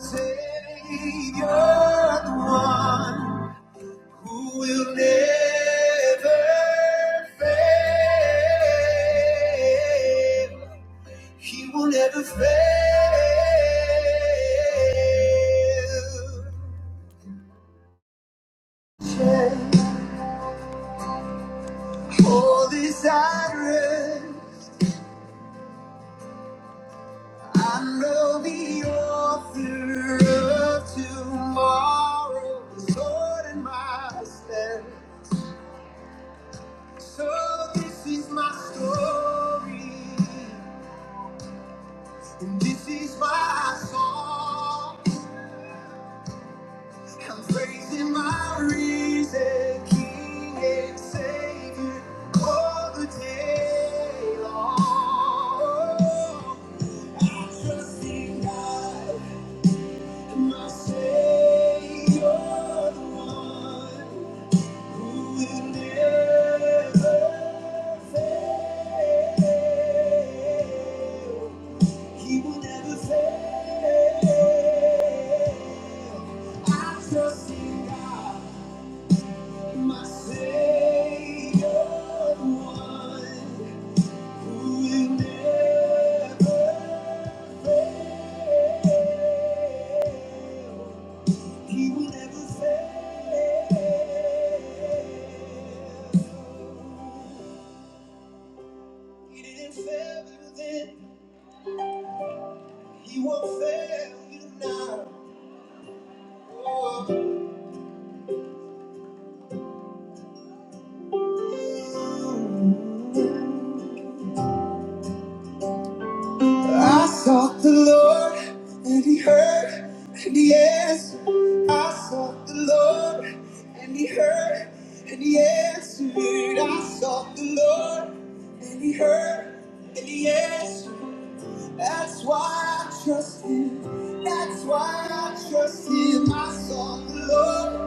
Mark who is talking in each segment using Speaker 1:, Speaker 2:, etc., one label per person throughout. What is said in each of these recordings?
Speaker 1: Savior, the one who will never fail. He will never fail. All this I read, I know the author of tomorrow, the Lord and my stead. So this is my story, and this is my song. I'm praising my risen King and Savior all the day long. I trust in God, my Savior, the one. He will never fail. I trust in God, my Savior, one who will never, He will never fail. He didn't fail you then, He won't fail you now. Oh. I sought the Lord and he heard and he answered. I sought the Lord and he heard and he answered. I sought the Lord and he heard and he answered. That's why I trust him. That's why I trust him. I sought the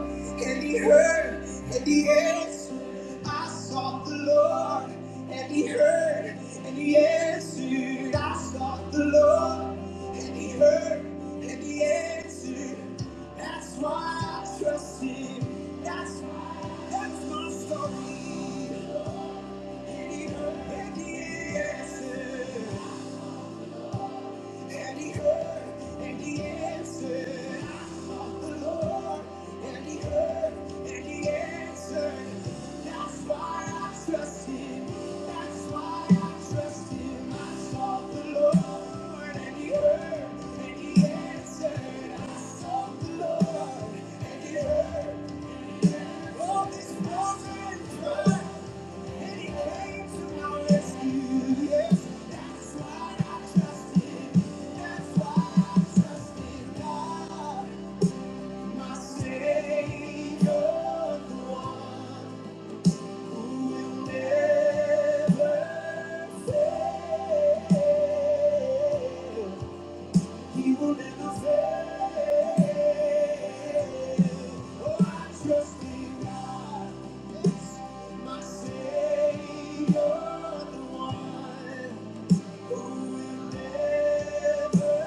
Speaker 1: Lord, and he heard, and he answered. I sought the Lord, and he heard, and he answered. I sought the Lord, and he heard, and he answered. That's why I trust him. That's why. That's my story. And he heard, and he answered. And he heard, and he answered. I sought the Lord, and he heard, and he answered. That's why I trust him. That's why I trust him. I sought the Lord, and he heard, and he answered. I sought the Lord, and he heard. Never fail. He will never fail. Oh, I trust in God, yes, my Savior, the one who will never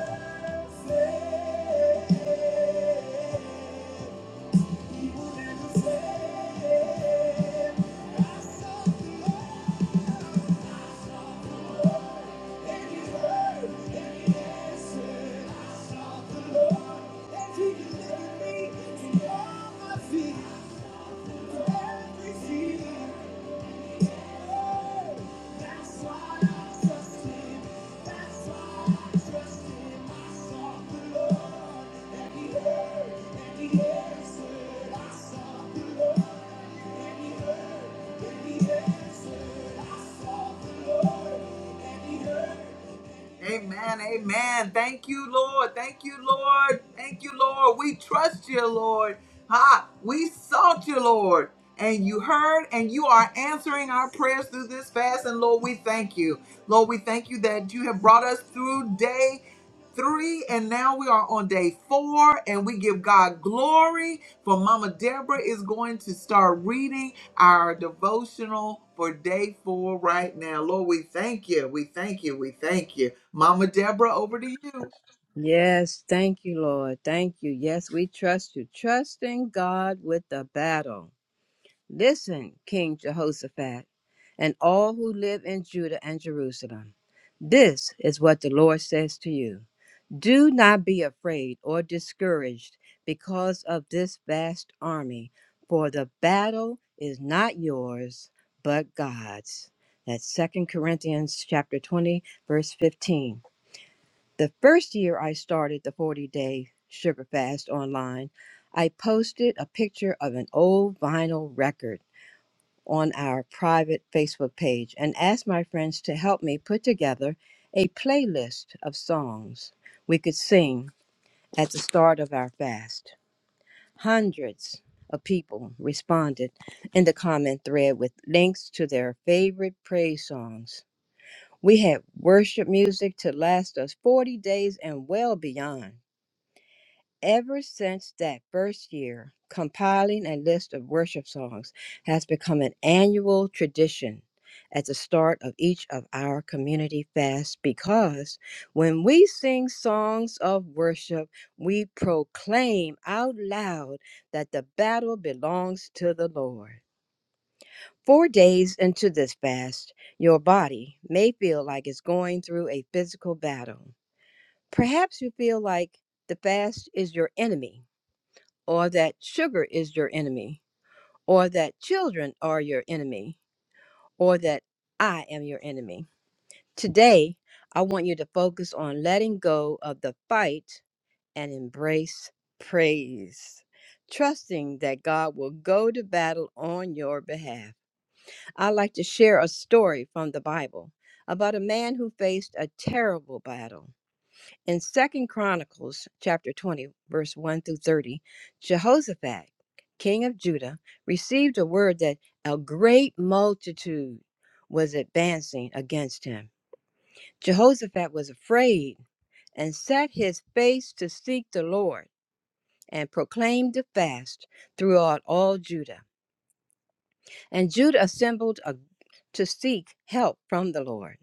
Speaker 1: fail. He will never fail. I sought the Lord. Yes, I saw the Lord, and he heard. Amen. Amen. Thank you, Lord. Thank you, Lord. Thank you, Lord. We trust you, Lord. Ha! We sought you, Lord. And you heard, and you are answering our prayers through this fast. And Lord, we thank you. Lord, we thank you that you have brought us through day three, and now we are on day four, and we give God glory. For Mama Deborah is going to start reading our devotional for day four right now. Lord, we thank you. We thank you. We thank you. Mama Deborah, over to you.
Speaker 2: Yes, thank you, Lord. Thank you. Yes, we trust you. Trusting God with the battle. Listen, King Jehoshaphat, and all who live in Judah and Jerusalem. This is what the Lord says to you Do not be afraid or discouraged because of this vast army, for the battle is not yours, but God's. That's Second Corinthians chapter 20, verse 15. The first year I started the 40 day sugar fast online, I posted a picture of an old vinyl record on our private Facebook page and asked my friends to help me put together a playlist of songs we could sing at the start of our fast. Hundreds of people responded in the comment thread with links to their favorite praise songs. We had worship music to last us 40 days and well beyond. Ever since that first year, compiling a list of worship songs has become an annual tradition at the start of each of our community fasts because when we sing songs of worship, we proclaim out loud that the battle belongs to the Lord. Four days into this fast, your body may feel like it's going through a physical battle. Perhaps you feel like the fast is your enemy or that sugar is your enemy, or that children are your enemy, or that I am your enemy. Today, I want you to focus on letting go of the fight and embrace praise, trusting that God will go to battle on your behalf. I like to share a story from the Bible about a man who faced a terrible battle. In Second Chronicles chapter 20, verse 1 through 30, Jehoshaphat, king of Judah, received a word that a great multitude was advancing against him. Jehoshaphat was afraid and set his face to seek the Lord and proclaimed a fast throughout all Judah. And Judah assembled a, to seek help from the Lord.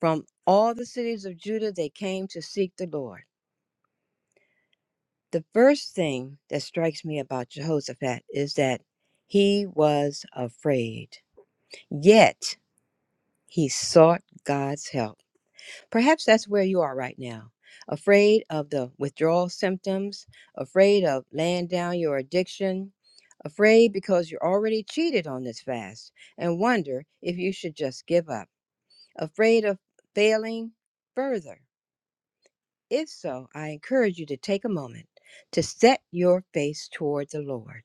Speaker 2: From all the cities of Judah they came to seek the Lord. The first thing that strikes me about Jehoshaphat is that he was afraid, yet he sought God's help. Perhaps that's where you are right now afraid of the withdrawal symptoms, afraid of laying down your addiction, afraid because you're already cheated on this fast and wonder if you should just give up, afraid of failing further. If so, I encourage you to take a moment to set your face toward the Lord.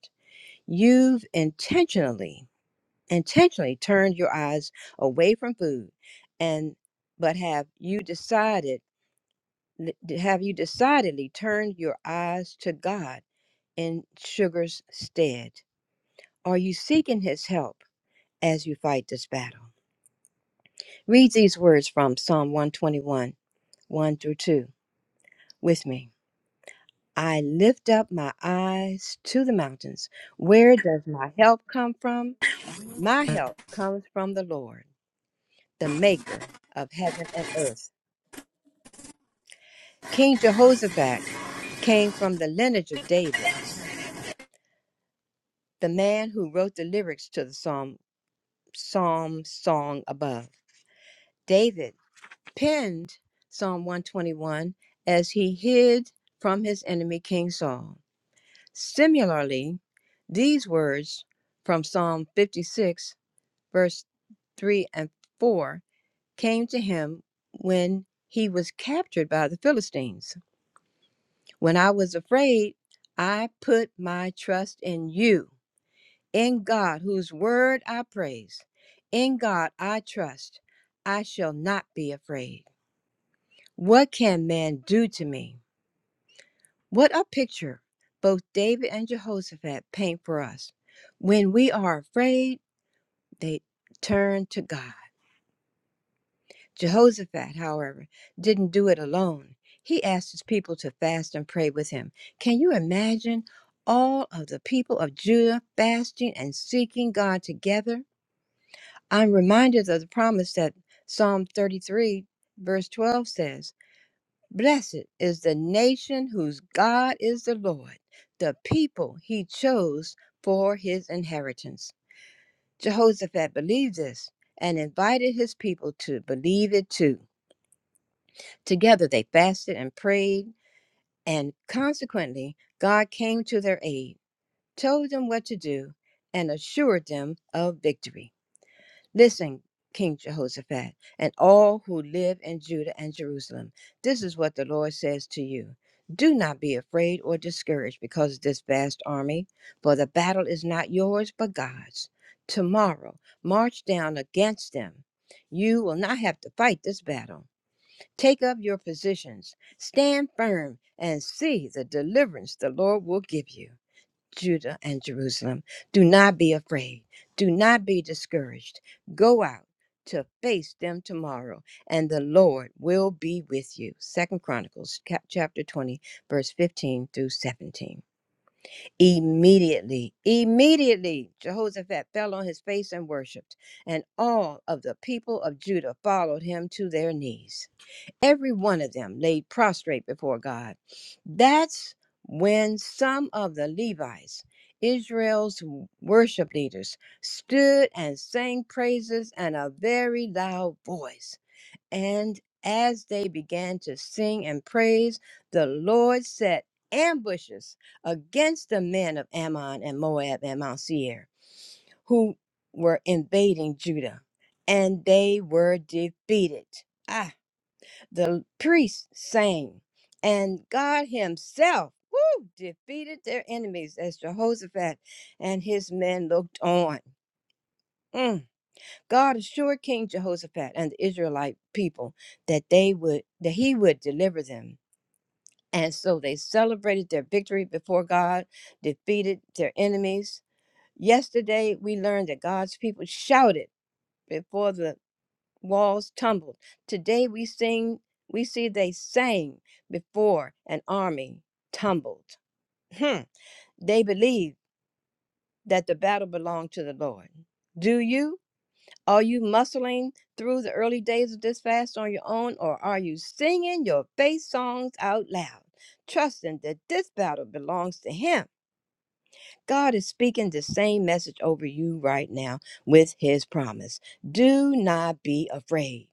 Speaker 2: You've intentionally, intentionally turned your eyes away from food, and but have you decided? Have you decidedly turned your eyes to God in sugar's stead? Are you seeking His help as you fight this battle? Read these words from Psalm 121, 1 through 2, with me. I lift up my eyes to the mountains. Where does my help come from? My help comes from the Lord the maker of heaven and earth. King Jehoshaphat came from the lineage of David, the man who wrote the lyrics to the psalm, psalm song above. David penned Psalm 121 as he hid from his enemy King Saul. Similarly, these words from Psalm 56, verse 3 and 4 came to him when he was captured by the Philistines. When I was afraid, I put my trust in you, in God, whose word I praise. In God I trust. I shall not be afraid. What can man do to me? What a picture both David and Jehoshaphat paint for us. When we are afraid, they turn to God. Jehoshaphat, however, didn't do it alone. He asked his people to fast and pray with him. Can you imagine all of the people of Judah fasting and seeking God together? I'm reminded of the promise that Psalm 33, verse 12 says Blessed is the nation whose God is the Lord, the people he chose for his inheritance. Jehoshaphat believed this and invited his people to believe it too. Together they fasted and prayed, and consequently, God came to their aid, told them what to do, and assured them of victory. Listen, King Jehoshaphat, and all who live in Judah and Jerusalem, this is what the Lord says to you. Do not be afraid or discouraged because of this vast army, for the battle is not yours but God's. Tomorrow, march down against them. You will not have to fight this battle. Take up your positions, stand firm, and see the deliverance the Lord will give you. Judah and Jerusalem, do not be afraid, do not be discouraged. Go out to face them tomorrow, and the Lord will be with you. Second Chronicles cap- chapter 20, verse 15 through 17. Immediately, immediately, Jehoshaphat fell on his face and worshiped, and all of the people of Judah followed him to their knees. Every one of them laid prostrate before God. That's when some of the Levites, Israel's worship leaders, stood and sang praises in a very loud voice. And as they began to sing and praise, the Lord set ambushes against the men of Ammon and Moab and Mount Seir, who were invading Judah, and they were defeated. Ah the priests sang, and God Himself woo, defeated their enemies as Jehoshaphat and his men looked on. Mm. God assured King Jehoshaphat and the Israelite people that they would that he would deliver them. And so they celebrated their victory before God, defeated their enemies. Yesterday we learned that God's people shouted before the walls tumbled. Today we sing, we see they sang before an army tumbled. Hmm. They believe that the battle belonged to the Lord. Do you? Are you muscling through the early days of this fast on your own, or are you singing your faith songs out loud, trusting that this battle belongs to Him? God is speaking the same message over you right now with His promise. Do not be afraid.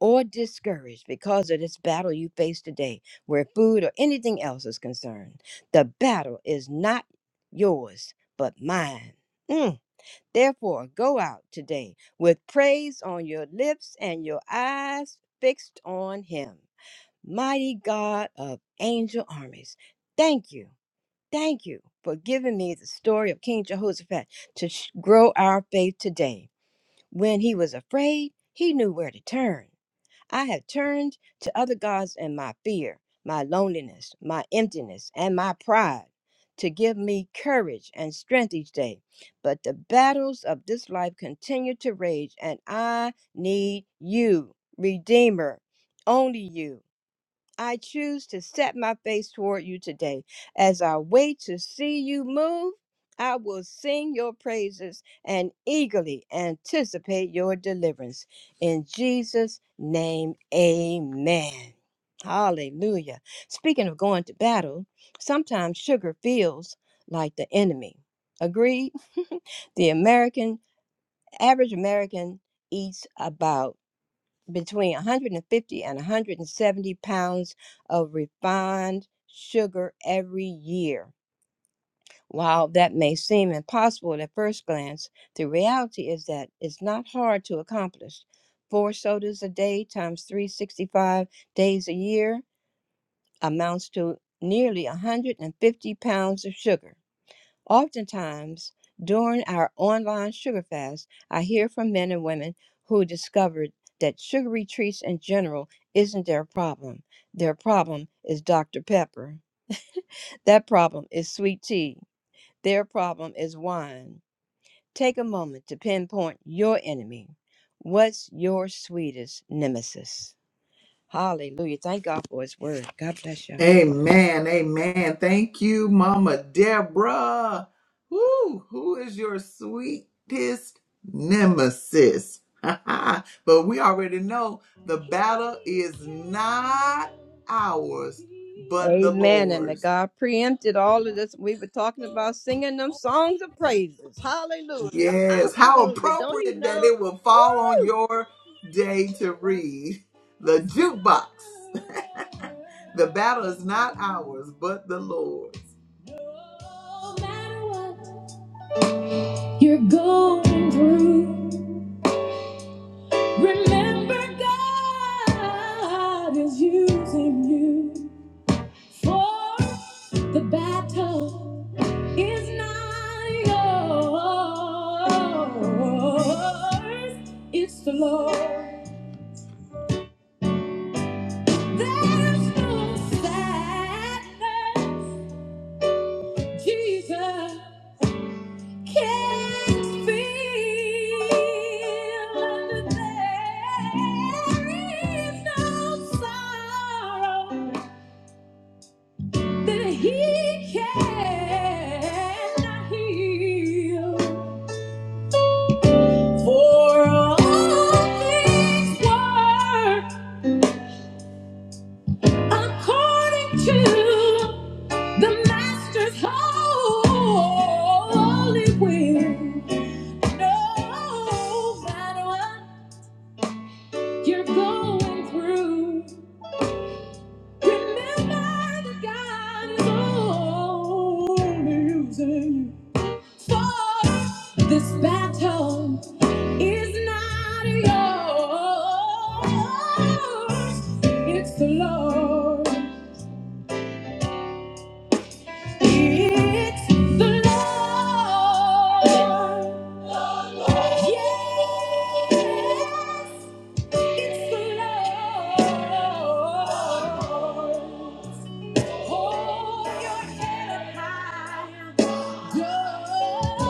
Speaker 2: or discouraged because of this battle you face today, where food or anything else is concerned. The battle is not yours, but mine. Mm. Therefore, go out today with praise on your lips and your eyes fixed on Him. Mighty God of angel armies, thank you. Thank you for giving me the story of King Jehoshaphat to sh- grow our faith today. When he was afraid, he knew where to turn. I have turned to other gods in my fear, my loneliness, my emptiness, and my pride to give me courage and strength each day. But the battles of this life continue to rage, and I need you, Redeemer, only you. I choose to set my face toward you today. As I wait to see you move, I will sing your praises and eagerly anticipate your deliverance. In Jesus' name, amen. Hallelujah. Speaking of going to battle, sometimes sugar feels like the enemy. Agreed? the American, average American eats about between 150 and 170 pounds of refined sugar every year. While that may seem impossible at first glance, the reality is that it's not hard to accomplish. Four sodas a day times 365 days a year amounts to nearly 150 pounds of sugar. Oftentimes, during our online sugar fast, I hear from men and women who discovered that sugary treats in general isn't their problem. Their problem is Dr. Pepper. That problem is sweet tea. Their problem is wine. Take a moment to pinpoint your enemy. What's your sweetest nemesis? Hallelujah. Thank God for his word. God bless y'all.
Speaker 1: Amen. Amen. Thank you, Mama Deborah. Woo, who is your sweetest nemesis? but we already know the battle is not ours, but the
Speaker 2: Amen. And that
Speaker 1: Lord's.
Speaker 2: God preempted all of this. We were talking about singing them songs of praises. Hallelujah.
Speaker 1: Yes. How
Speaker 2: Hallelujah. Don't he
Speaker 1: appropriate that
Speaker 2: know?
Speaker 1: it will fall on
Speaker 2: Woo!
Speaker 1: your day to read the jukebox. The battle is not ours, but the Lord's. you're going through. Remember, God is using you for the battle is not yours, it's the Lord. There's no sadness, Jesus. Can't feel there is no sorrow that he cannot heal. For all things work according to the Master's holy will. No matter what. you're going through. Remember that God is only using you for this battle is not yours. It's the Lord. It's the Lord. Yes, it's the Lord. Hold your head up high. It's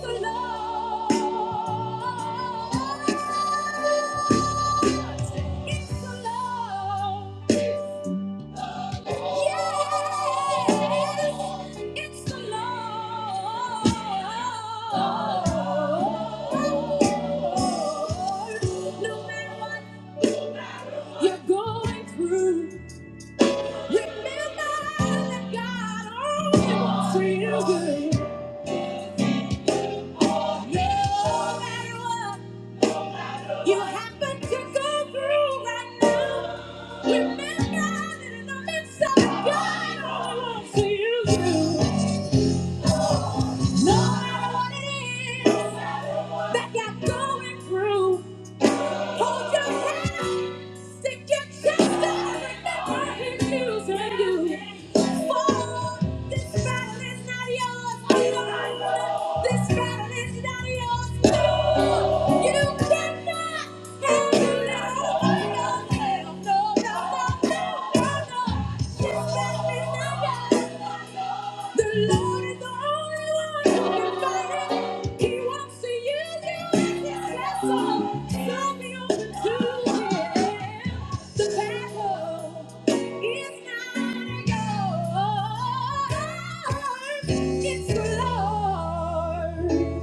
Speaker 1: the Lord. It's the Lord. It's the Lord. No matter what you're going through, remember that God only wants you No matter what you happen to go through right now, remember that in the midst of it, God only wants you No matter what it is that you're going through, hold your head up, stick your chest out, and remember He's using you. For this battle is not yours alone. This battle is not yours alone. You cannot handle it. on your it's the Lord.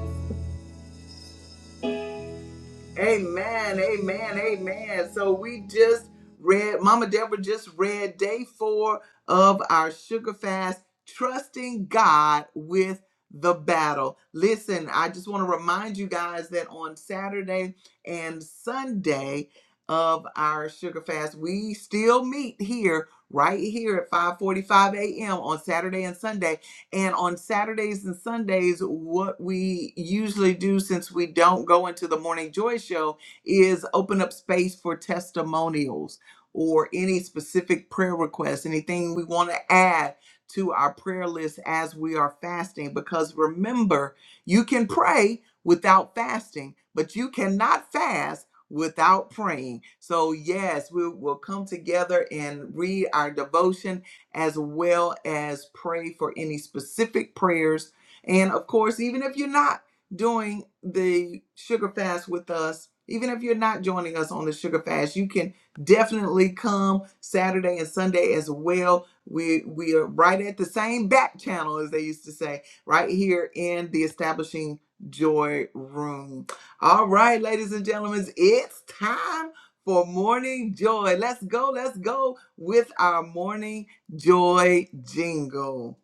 Speaker 1: Amen, amen, amen. So we just read, Mama Deborah just read day four of our sugar fast, trusting God with the battle. Listen, I just want to remind you guys that on Saturday and Sunday of our sugar fast, we still meet here right here at 5:45 a.m. on Saturday and Sunday and on Saturdays and Sundays, what we usually do since we don't go into the Morning Joy Show is open up space for testimonials or any specific prayer requests, anything we want to add to our prayer list as we are fasting. Because remember, you can pray without fasting, but you cannot fast without praying. So, yes, we will come together and read our devotion as well as pray for any specific prayers. And of course, even if you're not doing the sugar fast with us, even if you're not joining us on the sugar fast, you can definitely come Saturday and Sunday as well. We we are right at the same back channel as they used to say, right here in the establishing joy room. All right, ladies and gentlemen, it's time for morning joy. Let's go, let's go with our morning Joy Jingle.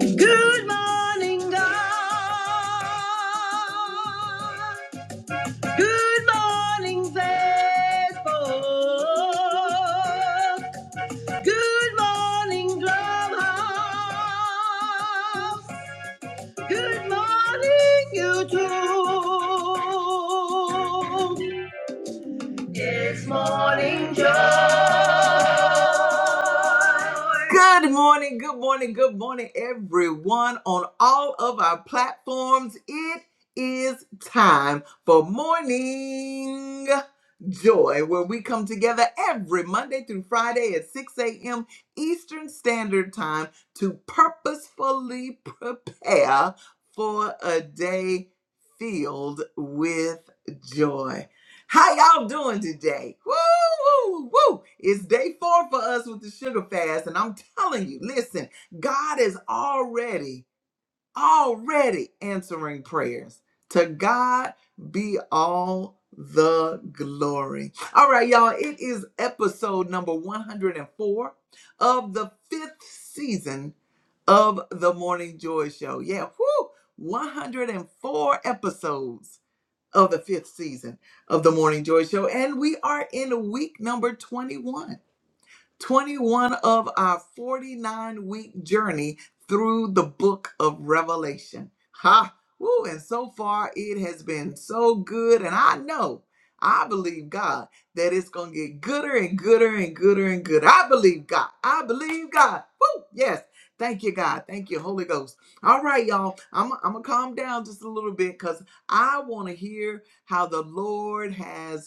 Speaker 1: Good morning, God. Good morning, Facebook. Good morning, Clubhouse. Good morning, YouTube. It's morning joy. Good morning, good morning, good morning, everyone on all of our platforms. It is time for morning joy, where we come together every Monday through Friday at 6 a.m. Eastern Standard Time to purposefully prepare for a day filled with joy. How y'all doing today? Woo, woo, woo. It's day four for us with the sugar fast. And I'm telling you, listen, God is already, already answering prayers. To God be all the glory. All right, y'all, it is episode number 104 of the fifth season of the Morning Joy Show. Yeah, whoo, 104 episodes of the fifth season of the Morning Joy Show. And we are in week number 21. 21 of our 49 week journey through the book of Revelation. Ha! Woo, and so far it has been so good. And I know, I believe God that it's going to get gooder and gooder and gooder and gooder. I believe God. I believe God. Woo, yes. Thank you, God. Thank you, Holy Ghost. All right, y'all. I'm, I'm going to calm down just a little bit because I want to hear how the Lord has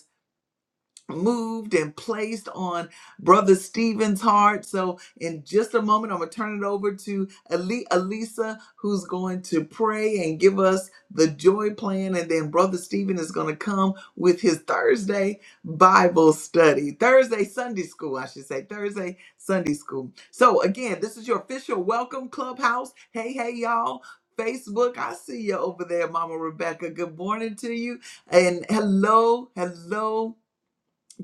Speaker 1: moved and placed on Brother Stephen's heart. So, in just a moment, I'm going to turn it over to Ali- Elisa, who's going to pray and give us the joy plan. And then Brother Stephen is going to come with his Thursday Bible study, Thursday Sunday school, I should say, Thursday Sunday school. So, again, this is your official welcome clubhouse. Hey, hey, y'all. Facebook, I see you over there, Mama Rebecca. Good morning to you. And hello, hello,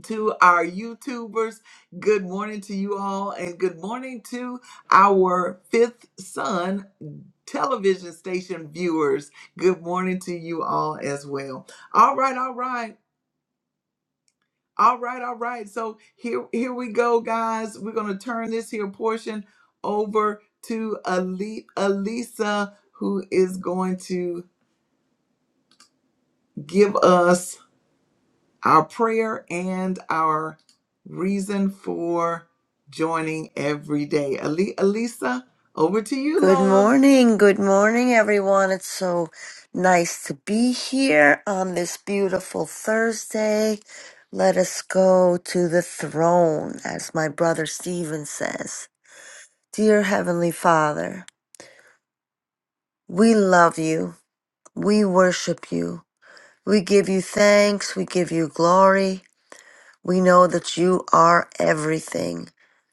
Speaker 1: to our YouTubers. Good morning to you all, and good morning to our fifth son television station viewers. Good morning to you all as well. All right, all right. All right, all right. So here here we go, guys. We're gonna turn this here portion over to Ali Alisa, who is going to give us our prayer and our reason for joining every day. Ali- Alisa, over to you,
Speaker 3: Good
Speaker 1: love.
Speaker 3: morning, good morning, everyone. It's so nice to be here on this beautiful Thursday. Let us go to the throne, as my brother Stephen says. Dear Heavenly Father, we love you. We worship you. We give you thanks. We give you glory. We know that you are everything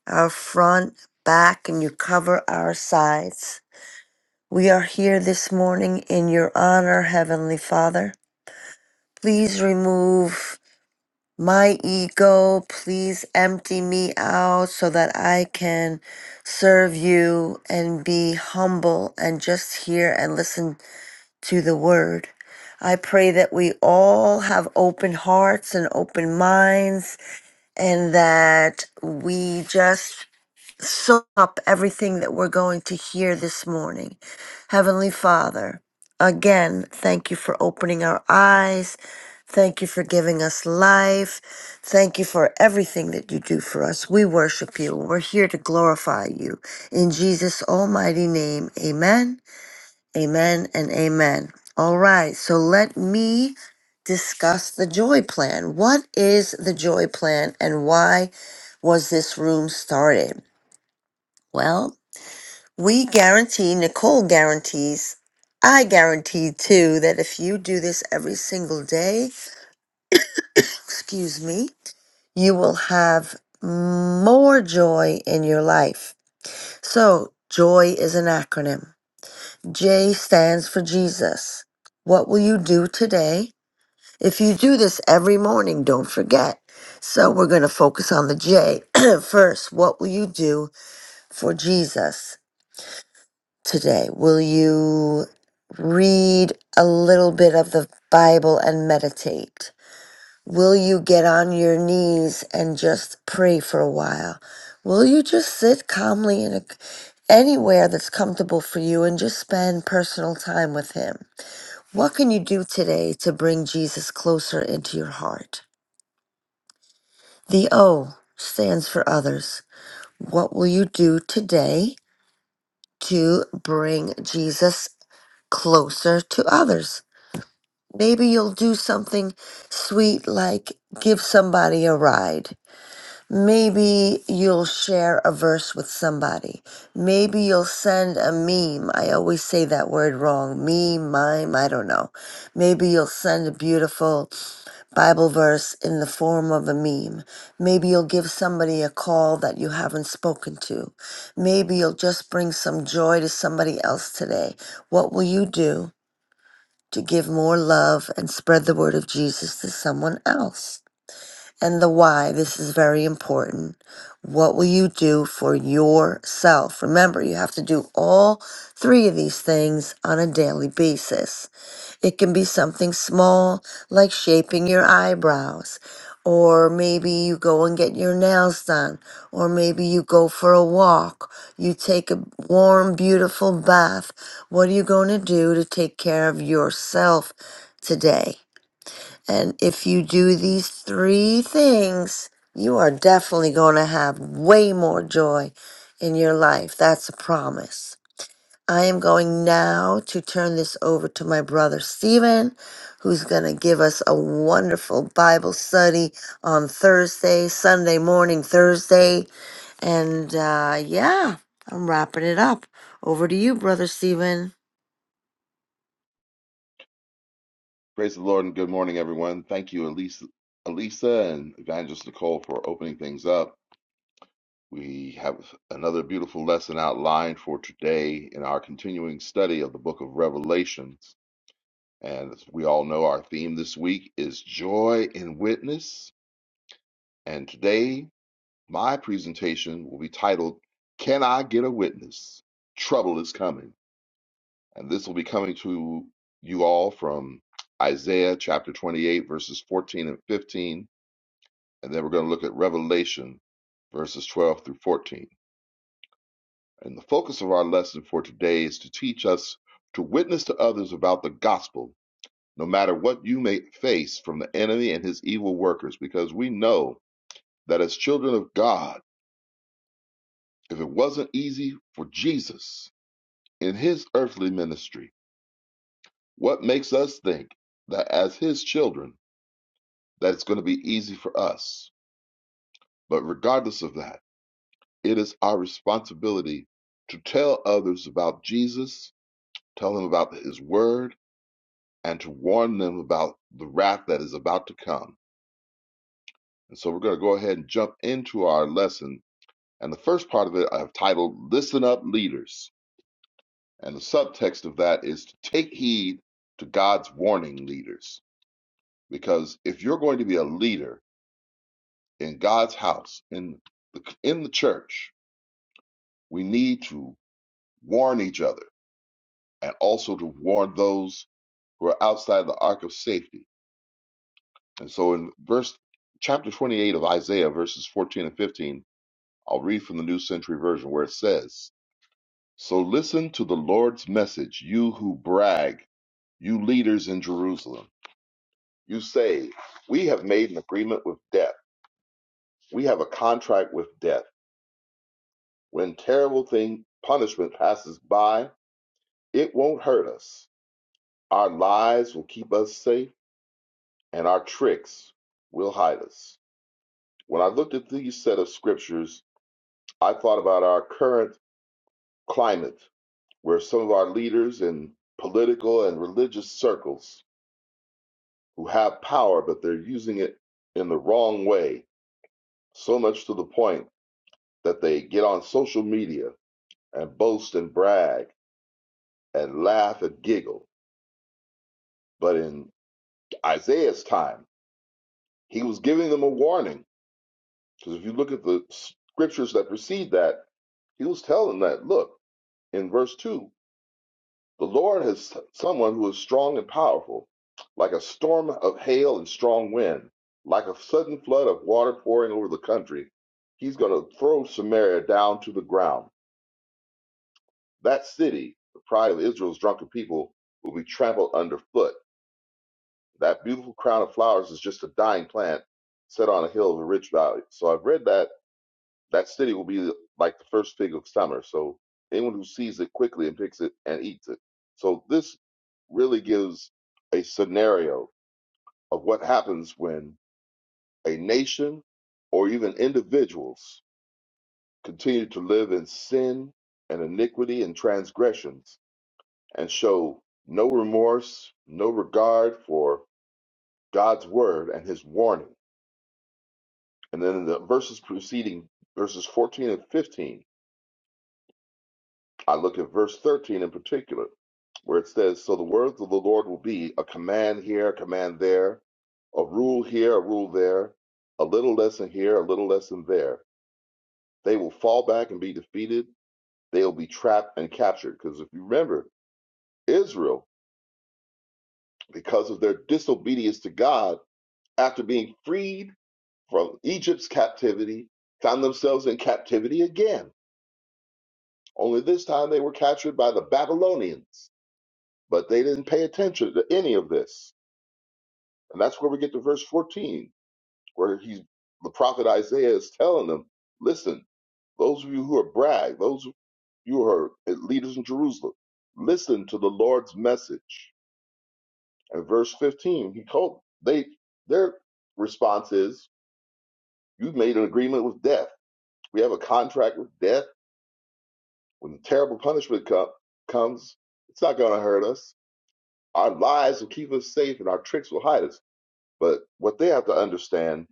Speaker 3: our front, back, and you cover our sides. We are here this morning in your honor, Heavenly Father. Please remove my ego. Please empty me out so that I can serve you and be humble and just hear and listen to the word. I pray that we all have open hearts and open minds and that we just soak up everything that we're going to hear this morning. Heavenly Father, again, thank you for opening our eyes. Thank you for giving us life. Thank you for everything that you do for us. We worship you. We're here to glorify you. In Jesus' almighty name, amen, amen, and amen. All right, so let me discuss the joy plan. What is the joy plan and why was this room started? Well, we guarantee, Nicole guarantees, I guarantee too, that if you do this every single day, excuse me, you will have more joy in your life. So, joy is an acronym. J stands for Jesus. What will you do today? If you do this every morning, don't forget. So, we're going to focus on the J first. What will you do for Jesus? today. Will you read a little bit of the Bible and meditate? Will you get on your knees and just pray for a while? Will you just sit calmly in a, anywhere that's comfortable for you and just spend personal time with Him? What can you do today to bring Jesus closer into your heart? The O stands for others. What will you do today to bring Jesus closer to others? Maybe you'll do something sweet like give somebody a ride. Maybe you'll share a verse with somebody. Maybe you'll send a meme. I always say that word wrong. Meme, mime, I don't know. Maybe you'll send a beautiful Bible verse in the form of a meme. Maybe you'll give somebody a call that you haven't spoken to. Maybe you'll just bring some joy to somebody else today. What will you do? to give more love and spread the word of Jesus to someone else. And the why, this is very important. What will you do for yourself? Remember, you have to do all three of these things on a daily basis. It can be something small like shaping your eyebrows, or maybe you go and get your nails done, or maybe you go for a walk, you take a warm, beautiful bath. What are you going to do to take care of yourself today? And if you do these three things, you are definitely going to have way more joy in your life. That's a promise. I am going now to turn this over to my brother Stephen, who's going to give us a wonderful Bible study on Thursday, Sunday morning, Thursday. And uh, yeah, I'm wrapping it up. Over to you, brother Stephen.
Speaker 4: Praise the Lord and good morning, everyone. Thank you, Elisa, Elisa and Evangelist Nicole, for opening things up. We have another beautiful lesson outlined for today in our continuing study of the book of Revelations. And as we all know, our theme this week is Joy in Witness. And today, my presentation will be titled, Can I Get a Witness? Trouble is Coming. And this will be coming to you all from Isaiah chapter 28, verses 14 and 15 and then we're going to look at Revelation verses 12 through 14. And the focus of our lesson for today is to teach us to witness to others about the gospel, no matter what you may face from the enemy and his evil workers, because we know that as children of God, if it wasn't easy for Jesus in his earthly ministry, what makes us think that as his children, that it's going to be easy for us? But regardless of that, It is our responsibility to tell others about Jesus, tell them about his word, and to warn them about the wrath that is about to come. And so we're going to go ahead and jump into our lesson. And the first part of it I've titled Listen Up Leaders. And the subtext of that is to take heed to God's warning leaders. Because if you're going to be a leader in God's house, in the, in the church, we need to warn each other and also to warn those We're outside the ark of safety. And so in verse chapter 28 of Isaiah, verses 14 and 15, I'll read from the New Century Version where it says, So listen to the Lord's message, you who brag, you leaders in Jerusalem. You say, We have made an agreement with death. We have a contract with death. When terrible thing punishment passes by, it won't hurt us. Our lies will keep us safe, and our tricks will hide us. When I looked at these set of scriptures, I thought about our current climate, where some of our leaders in political and religious circles who have power, but they're using it in the wrong way, so much to the point that they get on social media and boast and brag and laugh and giggle. But in Isaiah's time, he was giving them a warning. Because if you look at the scriptures that precede that, he was telling that, look, in verse 2, The Lord is someone who is strong and powerful, like a storm of hail and strong wind, like a sudden flood of water pouring over the country. He's going to throw Samaria down to the ground. That city, the pride of Israel's drunken people, will be trampled underfoot. That beautiful crown of flowers is just a dying plant set on a hill of a rich valley. So I've read that That city will be like the first fig of summer. So anyone who sees it quickly and picks it and eats it. So this really gives a scenario of what happens when a nation or even individuals continue to live in sin and iniquity and transgressions and show no remorse, no regard for God's word and his warning. And then in the verses preceding, verses 14 and 15, I look at verse 13 in particular, where it says, So the words of the Lord will be a command here, a command there, a rule here, a rule there, a little lesson here, a little lesson there. They will fall back and be defeated. They'll be trapped and captured. Because if you remember, Israel, because of their disobedience to God, after being freed from Egypt's captivity, found themselves in captivity again. Only this time they were captured by the Babylonians, but they didn't pay attention to any of this And that's where we get to verse 14, where he's the prophet Isaiah is telling them, listen, those of you who are brag, those of you who are leaders in Jerusalem, listen to the Lord's message. And verse 15, he told they their response is, You've made an agreement with death. We have a contract with death. When the terrible punishment co- comes, it's not gonna hurt us. Our lies will keep us safe and our tricks will hide us. But what they have to understand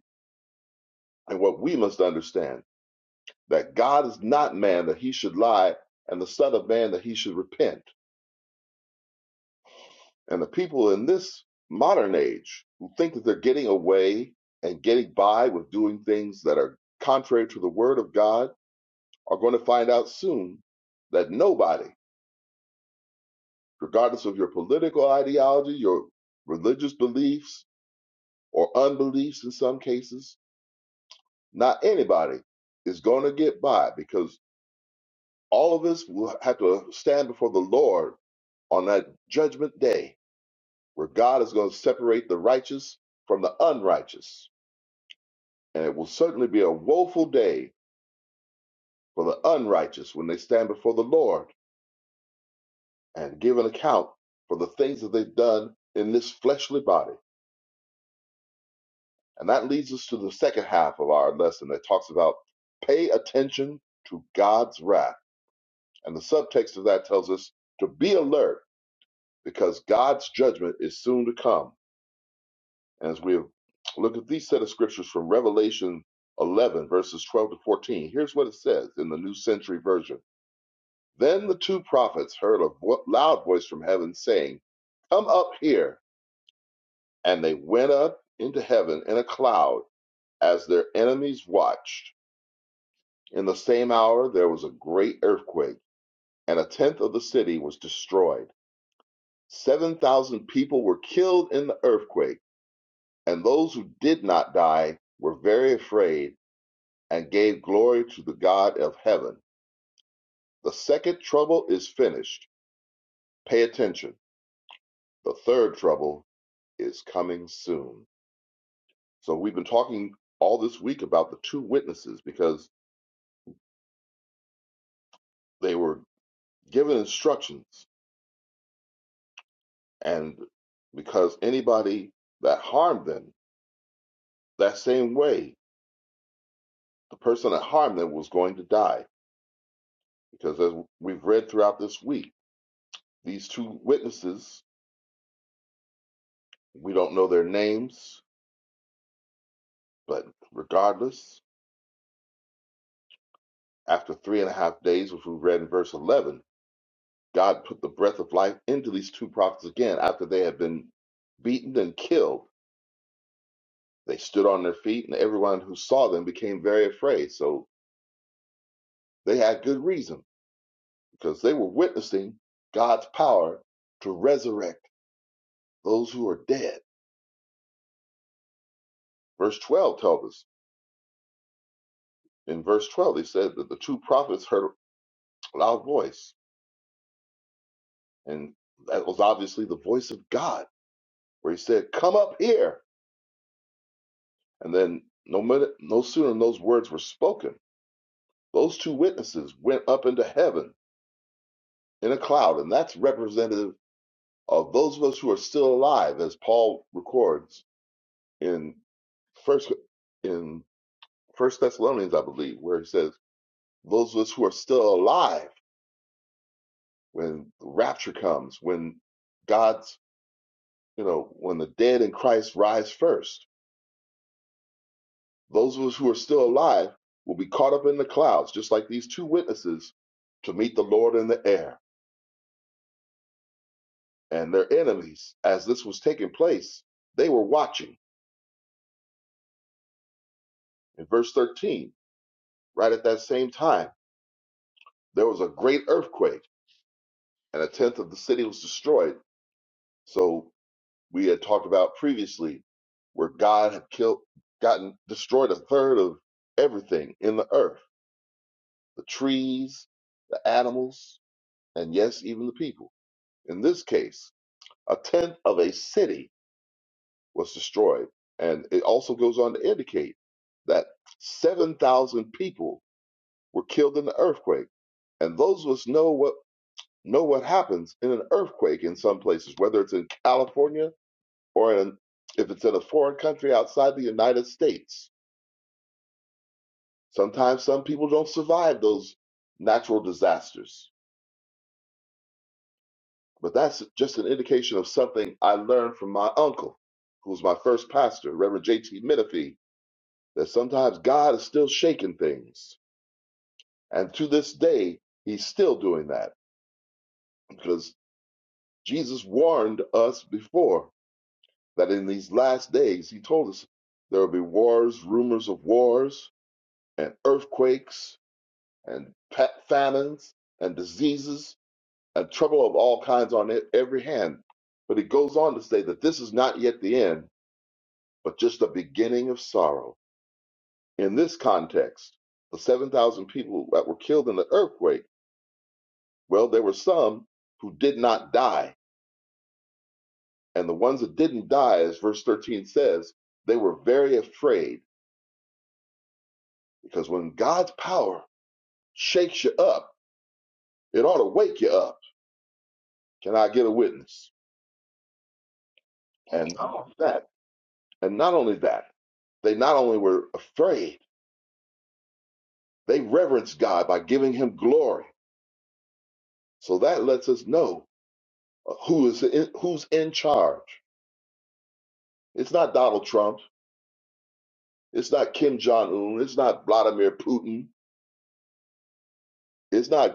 Speaker 4: and what we must understand that God is not man that he should lie, and the Son of Man that he should repent. And the people in this modern age who think that they're getting away and getting by with doing things that are contrary to the Word of God are going to find out soon that nobody, regardless of your political ideology, your religious beliefs, or unbeliefs in some cases, not anybody is going to get by because all of us will have to stand before the Lord on that judgment day where God is going to separate the righteous from the unrighteous. And it will certainly be a woeful day for the unrighteous when they stand before the Lord and give an account for the things that they've done in this fleshly body. And that leads us to the second half of our lesson that talks about pay attention to God's wrath. And the subtext of that tells us to be alert because God's judgment is soon to come As we look at these set of scriptures from Revelation 11, verses 12 to 14, here's what it says in the New Century Version. Then the two prophets heard a vo- loud voice from heaven saying, Come up here. And they went up into heaven in a cloud as their enemies watched. In the same hour, there was a great earthquake, and a tenth of the city was destroyed. 7,000 people were killed in the earthquake, and those who did not die were very afraid and gave glory to the God of heaven. The second trouble is finished. Pay attention. The third trouble is coming soon. So we've been talking all this week about the two witnesses because they were given instructions and because anybody that harmed them that same way, the person that harmed them was going to die. Because as we've read throughout this week, these two witnesses, we don't know their names, but regardless, After three and a half days, which we read in verse 11, God put the breath of life into these two prophets again after they had been beaten and killed. They stood on their feet, and everyone who saw them became very afraid. So they had good reason because they were witnessing God's power to resurrect those who are dead. Verse 12 tells us in verse 12, he said that the two prophets heard a loud voice, and that was obviously the voice of God, where he said, Come up here. And then no minute, no sooner than those words were spoken, those two witnesses went up into heaven in a cloud, and that's representative of those of us who are still alive, as Paul records in first in First Thessalonians, I believe, where he says, "Those of us who are still alive when the rapture comes, when God's, you know, when the dead in Christ rise first. Those of us who are still alive will be caught up in the clouds, just like these two witnesses, to meet the Lord in the air. And their enemies, as this was taking place, they were watching. In verse 13, right at that same time, there was a great earthquake, and a tenth of the city was destroyed. So we had talked about previously where God had killed, gotten destroyed a third of everything in the earth the trees, the animals, and yes, even the people. In this case, a tenth of a city was destroyed. And it also goes on to indicate that 7,000 people were killed in the earthquake. And those of us know what know what happens in an earthquake in some places, whether it's in California or in, if it's in a foreign country outside the United States. Sometimes some people don't survive those natural disasters. But that's just an indication of something I learned from my uncle, who was my first pastor, Reverend J.T. Menifee, that sometimes God is still shaking things. And to this day, he's still doing that because Jesus warned us before that in these last days, he told us there will be wars, rumors of wars, and earthquakes, and pa- famines, and diseases, and trouble of all kinds on e- every hand. But he goes on to say that this is not yet the end, but just the beginning of sorrow. In this context, the 7,000 people that were killed in the earthquake Well, there were some who did not die. And the ones that didn't die, as verse 13 says, they were very afraid because when God's power shakes you up, it ought to wake you up. Can I get a witness? And not that, and not only that, they not only were afraid, they reverenced God by giving him glory. So that lets us know uh, who is in, who's in charge. It's not Donald Trump. It's not Kim Jong Un. It's not Vladimir Putin. It's not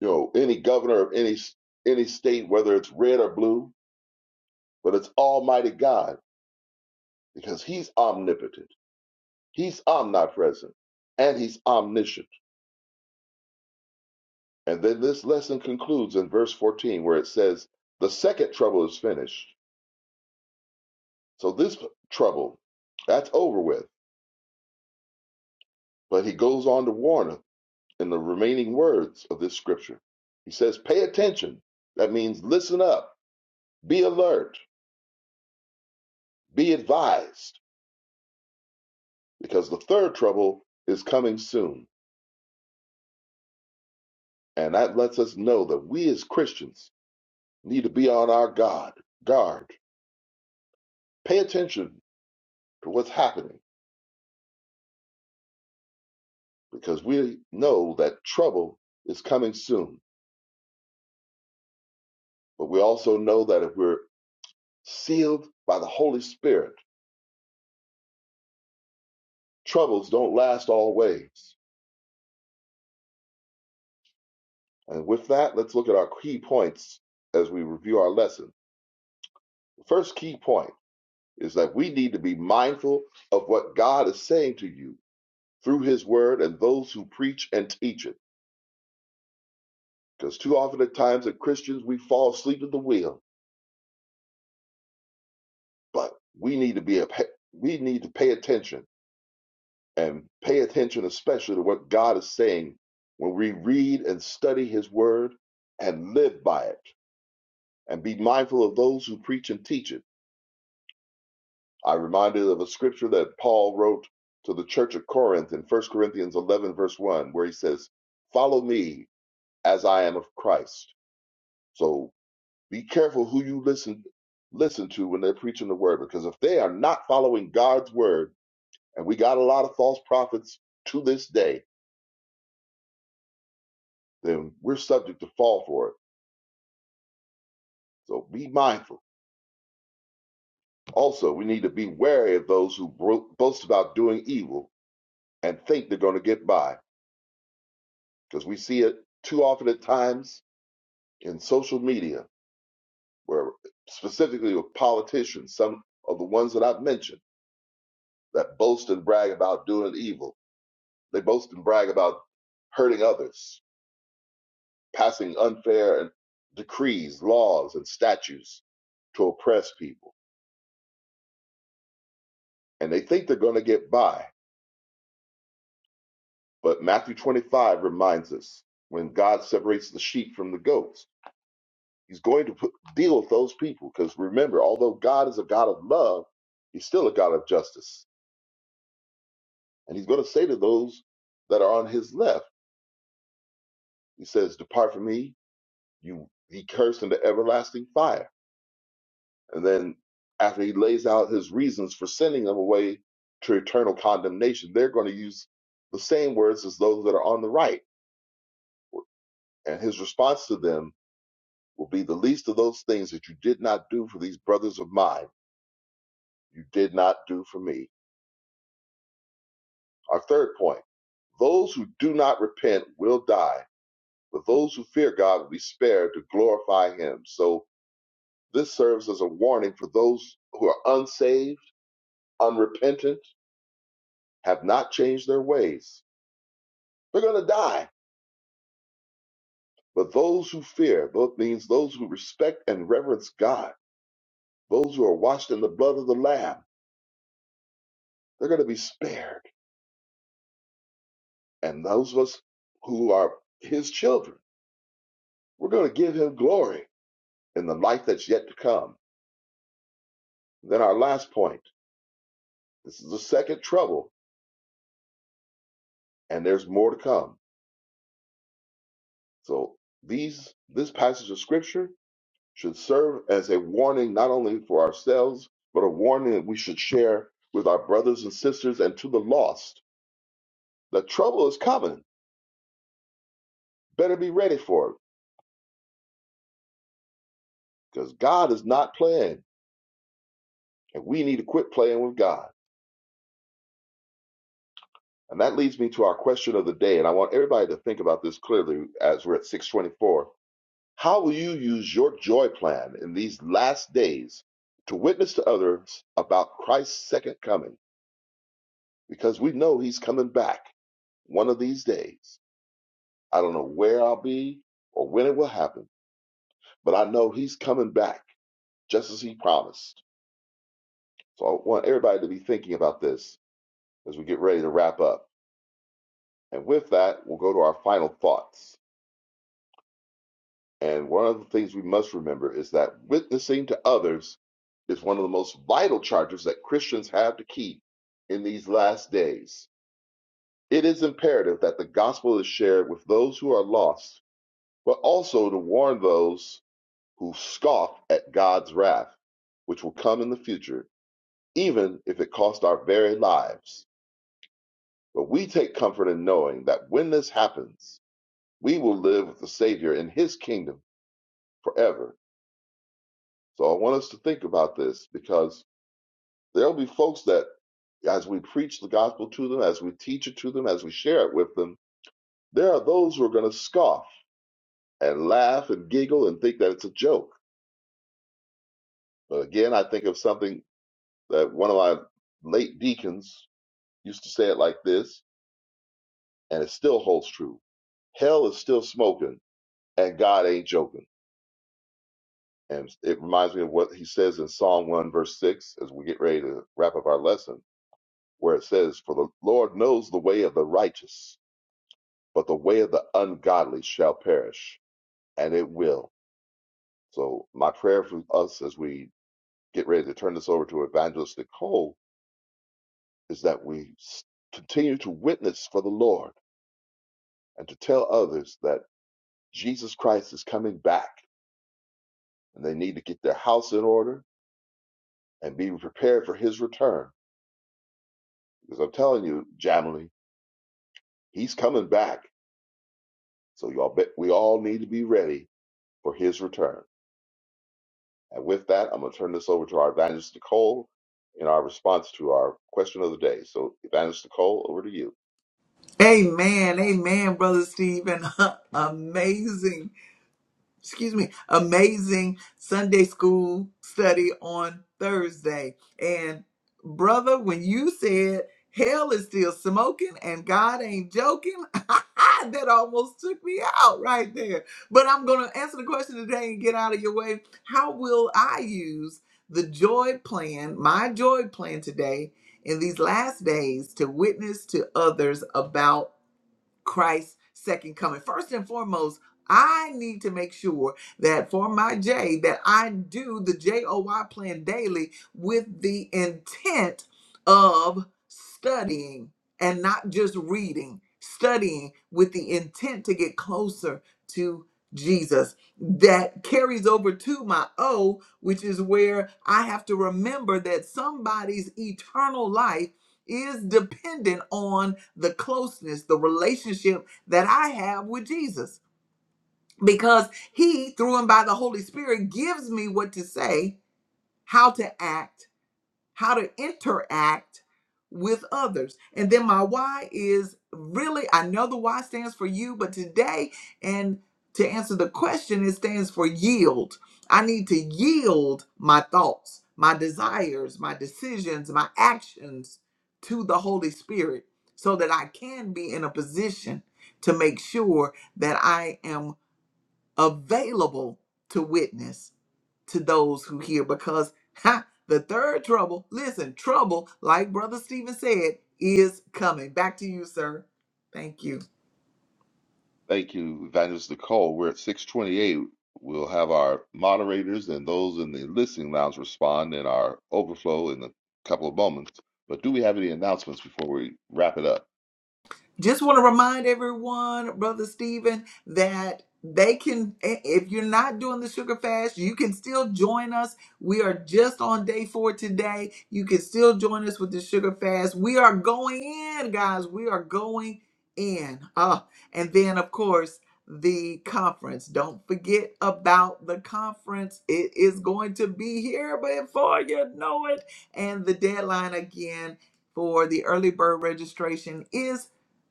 Speaker 4: You know any governor of any any state, whether it's red or blue, but it's Almighty God because He's omnipotent, He's omnipresent, and He's omniscient. And then this lesson concludes in verse 14, where it says, "The second trouble is finished." So this trouble, that's over with. But he goes on to warn us in the remaining words of this scripture. He says, "Pay attention." That means listen up, be alert, be advised because the third trouble is coming soon. And that lets us know that we as Christians need to be on our guard, guard, pay attention to what's happening because we know that trouble is coming soon. But we also know that if we're sealed by the Holy Spirit, troubles don't last always. And with that, let's look at our key points as we review our lesson. The first key point is that we need to be mindful of what God is saying to you through his word and those who preach and teach it. Because too often at times as Christians we fall asleep at the wheel, but we need to be a, we need to pay attention and pay attention especially to what God is saying when we read and study his word and live by it and be mindful of those who preach and teach it. I'm reminded of a scripture that Paul wrote to the church of Corinth in 1 Corinthians 11 verse 1 where he says, "Follow me as I am of Christ." So Be careful who you listen listen to when they're preaching the word, because if they are not following God's word, and we got a lot of false prophets to this day, then we're subject to fall for it. So be mindful. Also, we need to be wary of those who bro- boast about doing evil and think they're going to get by, because we see it too often at times in social media, where specifically with politicians, some of the ones that I've mentioned that boast and brag about doing evil They boast and brag about hurting others, passing unfair decrees, laws, and statutes to oppress people. And they think they're going to get by. But Matthew 25 reminds us when God separates the sheep from the goats, he's going to put, deal with those people. Because remember, although God is a God of love, he's still a God of justice. And he's going to say to those that are on his left, he says, Depart from me, you ye cursed into everlasting fire And then after he lays out his reasons for sending them away to eternal condemnation, they're going to use the same words as those that are on the right. And his response to them will be the least of those things that you did not do for these brothers of mine, you did not do for me. Our third point those who do not repent will die, but those who fear God will be spared to glorify him. So this serves as a warning for those who are unsaved, unrepentant, have not changed their ways. They're going to die But those who fear, both means those who respect and reverence God, those who are washed in the blood of the Lamb, they're going to be spared. And those of us who are His children, we're going to give Him glory in the life that's yet to come. Then our last point. This is the second trouble, and there's more to come. So these this passage of Scripture should serve as a warning not only for ourselves, but a warning that we should share with our brothers and sisters and to the lost. The trouble is coming Better be ready for it because God is not playing, and we need to quit playing with God. And that leads me to our question of the day. And I want everybody to think about this clearly as we're at 624. How will you use your joy plan in these last days to witness to others about Christ's second coming? Because we know he's coming back one of these days. I don't know where I'll be or when it will happen, but I know he's coming back just as he promised. So I want everybody to be thinking about this as we get ready to wrap up. And with that, we'll go to our final thoughts. And one of the things we must remember is that witnessing to others is one of the most vital charges that Christians have to keep in these last days. It is imperative that the gospel is shared with those who are lost, but also to warn those who scoff at God's wrath, which will come in the future, even if it costs our very lives. But we take comfort in knowing that when this happens, we will live with the Savior in His kingdom forever. So I want us to think about this because there'll be folks that, as we preach the gospel to them, as we teach it to them, as we share it with them, there are those who are going to scoff and laugh and giggle and think that it's a joke. But again, I think of something that one of my late deacons used to say it like this, and it still holds true. Hell is still smoking, and God ain't joking. And it reminds me of what he says in Psalm 1, verse 6, as we get ready to wrap up our lesson, where it says, For the Lord knows the way of the righteous, but the way of the ungodly shall perish, and it will. So, my prayer for us as we get ready to turn this over to Evangelist Nicole is that we s- continue to witness for the Lord and to tell others that Jesus Christ is coming back and they need to get their house in order and be prepared for his return. Because I'm telling you, Jamily, He's coming back. So y'all bet we all need to be ready for his return. And with that, I'm gonna turn this over to our evangelist Nicole in our response to our question of the day. So evangelist Nicole, over to you.
Speaker 1: Amen. Amen, Brother Steve. And amazing. excuse me, amazing Sunday school study on Thursday. And brother, when you said hell is still smoking and God ain't joking, that almost took me out right there. But I'm going to answer the question today and get out of your way. How will I use the joy plan, my joy plan today in these last days to witness to others about Christ's second coming. First and foremost, I need to make sure that for my J that I do the J O Y plan daily with the intent of studying and not just reading, studying with the intent to get closer to Jesus. That carries over to my O, which is where I have to remember that somebody's eternal life is dependent on the closeness, the relationship that I have with Jesus. Because he, through and by the Holy Spirit, gives me what to say, how to act, how to interact with others. And then my why is really, I know the why stands for you, but today, and to answer the question, it stands for yield. I need to yield my thoughts, my desires, my decisions, my actions to the Holy Spirit so that I can be in a position to make sure that I am available to witness to those who hear because ha, the third trouble, listen, trouble, like Brother Stephen said, is coming. Back to you, sir. Thank you.
Speaker 4: Thank you, evangelist Nicole. We're at 628. We'll have our moderators and those in the listening lounge respond in our overflow in a couple of moments. But do we have any announcements before we wrap it up?
Speaker 1: just want to remind everyone, Brother Stephen, that they can, if you're not doing the sugar fast, you can still join us. We are just on day four today. You can still join us with the sugar fast. We are going in, guys. We are going in. Uh, and then, of course, the conference. Don't forget about the conference. It is going to be here before you know it. And the deadline again for the early bird registration is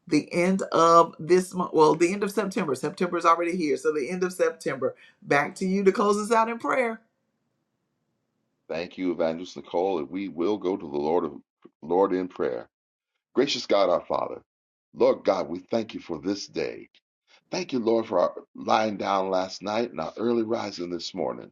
Speaker 1: the end of this month, well, the end of September. September is already here. So the end of September. Back to you to close us out in prayer.
Speaker 4: Thank you, Evangelist Nicole, and we will go to the Lord of Lord in prayer. Gracious God, our Father, Lord God, we thank you for this day. Thank you, Lord, for our lying down last night and our early rising this morning.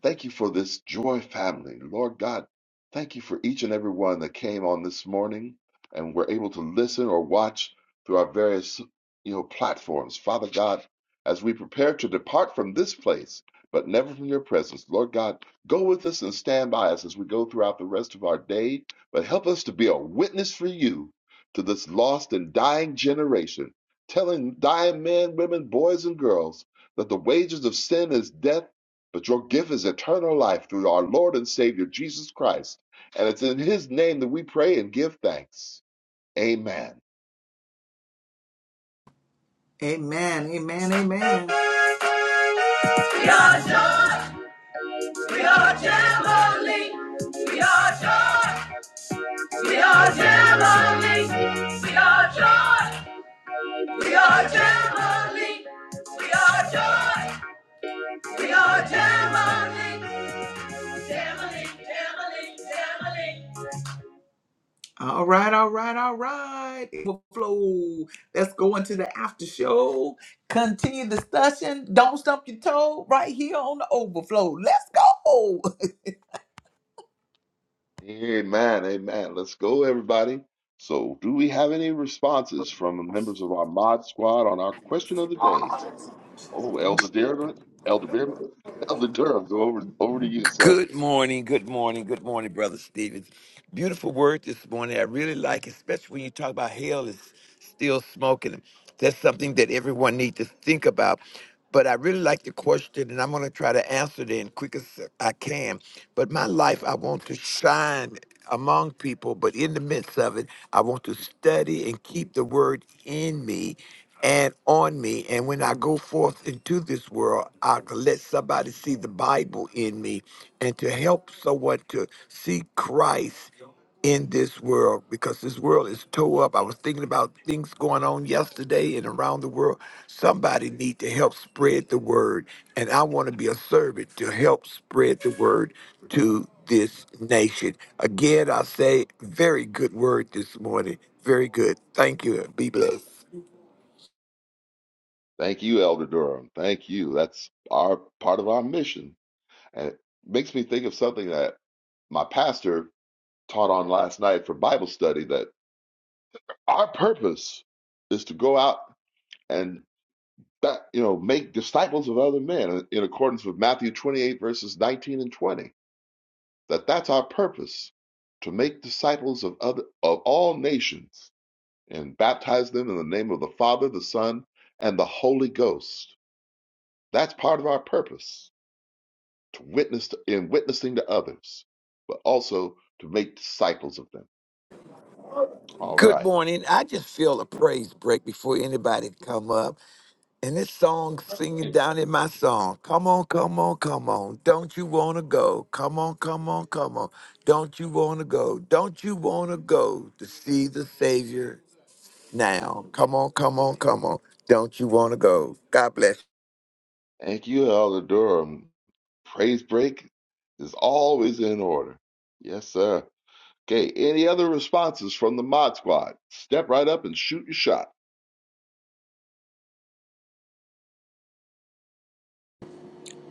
Speaker 4: Thank you for this joy family. Lord God, thank you for each and every one that came on this morning and were able to listen or watch through our various you know platforms. Father God, as we prepare to depart from this place, but never from your presence, Lord God, go with us and stand by us as we go throughout the rest of our day, but help us to be a witness for you to this lost and dying generation, telling dying men, women, boys, and girls that the wages of sin is death but your gift is eternal life through our Lord and Savior Jesus Christ. And it's in His name that we pray and give thanks. Amen.
Speaker 1: Amen. Amen. Amen. We are joy. We are Jamboree. We are joy. We are Jamboree. We are joy. We are Jamboree. We are joy. We are Jamboree. Jamboree. Jamboree. Jamboree. All right, all right, all right. Overflow. Let's go into the after show. Continue the discussion. Don't stump your toe right here on the overflow. Let's go.
Speaker 4: Amen. Amen. Let's go, everybody. So, do we have any responses from the members of our mod squad on our question of the day? Oh, Elder Durham, Elder Durham, Elder Durham, go over over to you, sir.
Speaker 5: Good morning, good morning, good morning, Brother Stevens. Beautiful word this morning. I really like it, especially when you talk about hell is still smoking. That's something that everyone needs to think about. But I really like the question, and I'm going to try to answer it in quick as I can. But my life, I want to shine among people, but in the midst of it, I want to study and keep the word in me and on me. And when I go forth into this world, I can let somebody see the Bible in me and to help someone to see Christ in this world because this world is toe up. I was thinking about things going on yesterday and around the world. Somebody need to help spread the word, and I want to be a servant to help spread the word to this nation. Again, I say, very good word this morning. Very good. Thank you. Be blessed.
Speaker 4: Thank you, Elder Durham. Thank you. That's our part of our mission, and it makes me think of something that my pastor taught on last night for Bible study that our purpose is to go out and that, you know make disciples of other men in accordance with Matthew 28 verses 19 and 20 that that's our purpose to make disciples of other of all nations and baptize them in the name of the Father the Son and the Holy Ghost that's part of our purpose to witness to, in witnessing to others but also to make disciples of them all
Speaker 5: Good
Speaker 4: right
Speaker 5: morning. I just feel a praise break before anybody come up. And this song singing down in my song. Come on, come on, come on. Don't you wanna go? Come on, come on, come on. Don't you wanna go? Don't you wanna go to see the Savior now? Come on, come on, come on. Don't you wanna go? God bless.
Speaker 4: Thank you, Elder Durham. Praise break is always in order. Yes, sir. Okay, any other responses from the Mod Squad? Step right up and shoot your shot.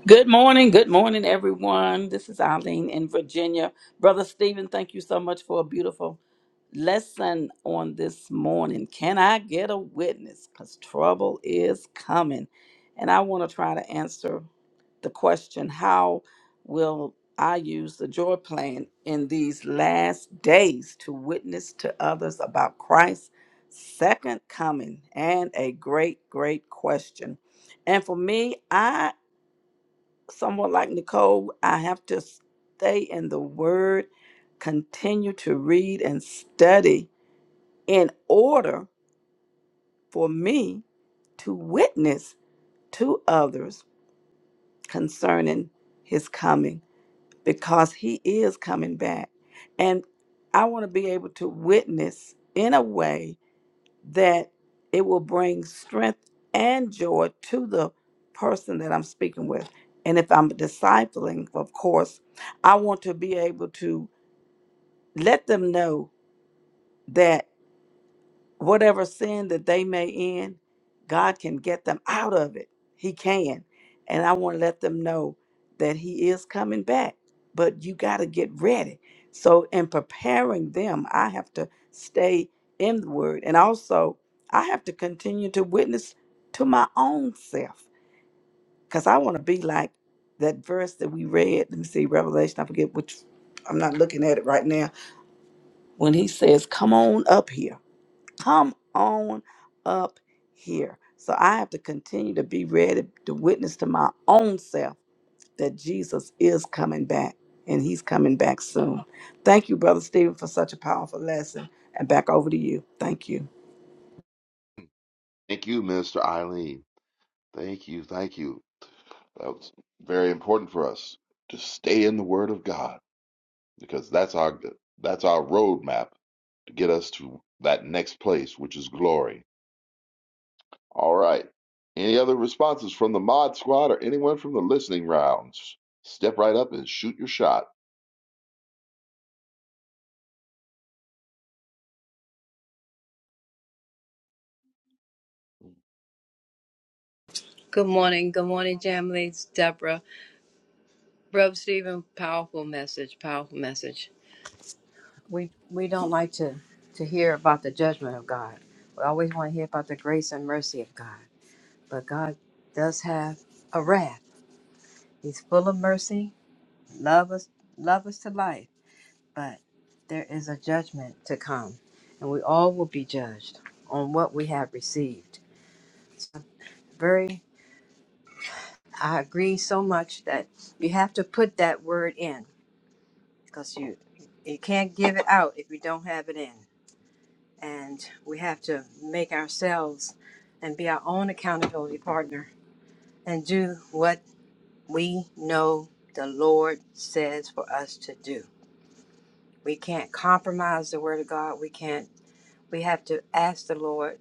Speaker 6: Good morning. Good morning, everyone. This is Eileen in Virginia. Brother Stephen, thank you so much for a beautiful lesson on this morning. Can I get a witness? Because trouble is coming. And I want to try to answer the question how will I use the joy plan in these last days to witness to others about Christ's second coming? And a great, great question. And for me, I someone like Nicole, I have to stay in the Word, continue to read and study in order for me to witness to others concerning His coming because He is coming back. And I want to be able to witness in a way that it will bring strength and joy to the person that I'm speaking with. And if I'm discipling, of course, I want to be able to let them know that whatever sin that they may in, God can get them out of it. He can. And I want to let them know that He is coming back, but you got to get ready. So, in preparing them, I have to stay in the Word. And also, I have to continue to witness to my own self because I want to be like that verse that we read. Let me see, Revelation, I forget which, I'm not looking at it right now. When He says, Come on up here. Come on up here. So I have to continue to be ready to witness to my own self that Jesus is coming back and he's coming back soon. Thank you, Brother Stephen, for such a powerful lesson. And back over to you. Thank you.
Speaker 4: Thank you, Minister Eileen. Thank you, thank you. That's very important for us to stay in the Word of God because that's our that's our roadmap to get us to that next place, which is glory. All right. Any other responses from the Mod Squad or anyone from the listening rounds? Step right up and shoot your shot.
Speaker 2: Good morning. Good morning, Jamily. It's Deborah. Brother Stephen, powerful message, powerful message. We we don't like to, to hear about the judgment of God. We always want to hear about the grace and mercy of God. But God does have a wrath. He's full of mercy, love us, love us to life. But there is a judgment to come, and we all will be judged on what we have received. So very, I agree so much that you have to put that word in because you you can't give it out if you don't have it in, and we have to make ourselves and be our own accountability partner and do what we know the Lord says for us to do We can't compromise the word of God. We can't we have to ask the Lord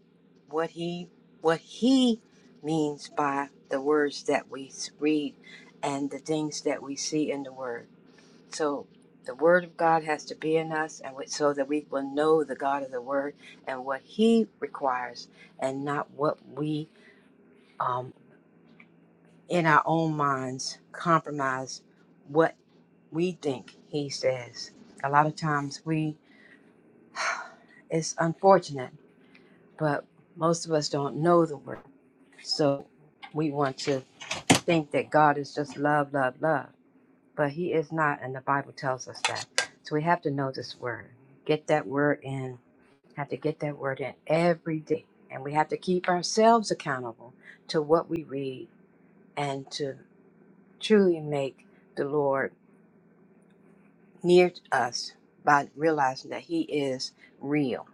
Speaker 2: what he what he means by the words that we read and the things that we see in the word. So the word of God has to be in us and so that we will know the God of the word and what he requires and not what we um, in our own minds compromise what we think he says. A lot of times we It's unfortunate, but most of us don't know the word. So we want to think that God is just love, love, love. But He is not, and the Bible tells us that. So we have to know this word. Get that word in. Have to get that word in every day. And we have to keep ourselves accountable to what we read and to truly make the Lord near to us by realizing that He is real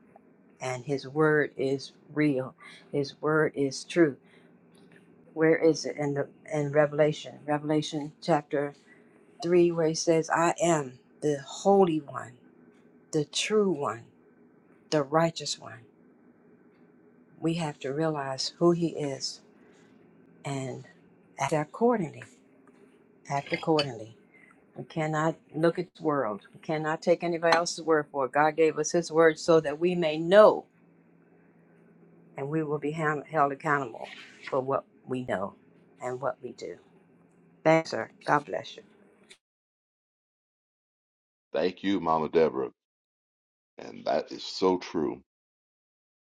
Speaker 2: and his word is real his word is true where is it in the in revelation revelation chapter 3 where he says i am the holy one the true one the righteous one we have to realize who he is and act accordingly act accordingly we cannot look at the world we cannot take anybody else's word for it god gave us his word so that we may know and we will be ham- held accountable for what we know and what we do Thank you, sir. God bless you.
Speaker 4: Thank you, Mama Deborah. And that is so true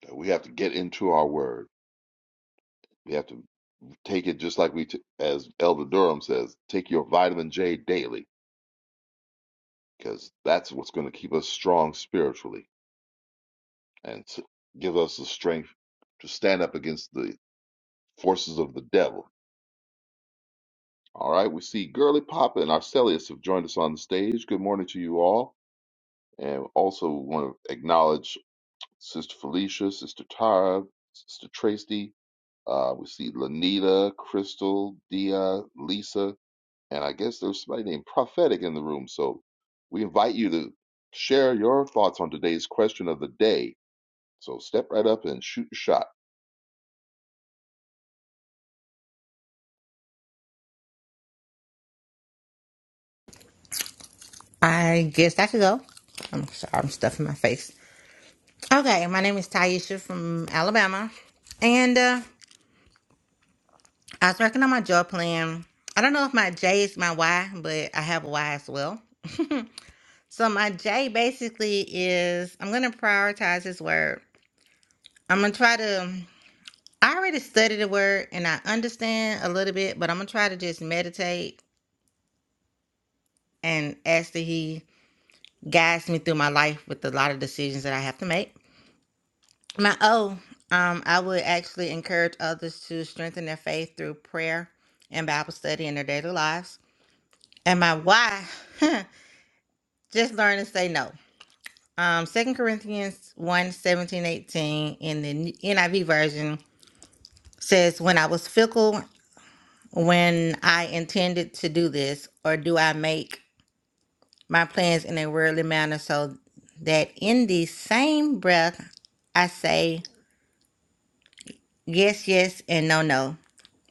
Speaker 4: that we have to get into our word. We have to take it just like we, t- as Elder Durham says, take your vitamin J daily because that's what's going to keep us strong spiritually and to give us the strength to stand up against the forces of the devil. All right, we see Girly Papa and Arcelius have joined us on the stage. Good morning to you all. And also want to acknowledge Sister Felicia, Sister Tara, Sister Tracy, Uh, we see Lanita, Crystal, Dia, Lisa, and I guess there's somebody named Prophetic in the room. So we invite you to share your thoughts on today's question of the day. So step right up and shoot your shot.
Speaker 7: I guess I could go. I'm sorry, I'm stuffing my face. Okay, my name is Taisha from Alabama, and uh, I was working on my job plan. I don't know if my J is my Y, but I have a Y as well. So my J basically is I'm gonna prioritize this word. I'm gonna try to. I already studied the word and I understand a little bit, but I'm gonna try to just meditate and ask that He guides me through my life with a lot of decisions that I have to make. My oh, um, I would actually encourage others to strengthen their faith through prayer and Bible study in their daily lives. And my why, just learn to say no. Um, 2 Corinthians one 17 18 in the NIV version says, When I was fickle, when I intended to do this, or do I make my plans in a worldly manner so that in the same breath I say yes, yes, and no, no?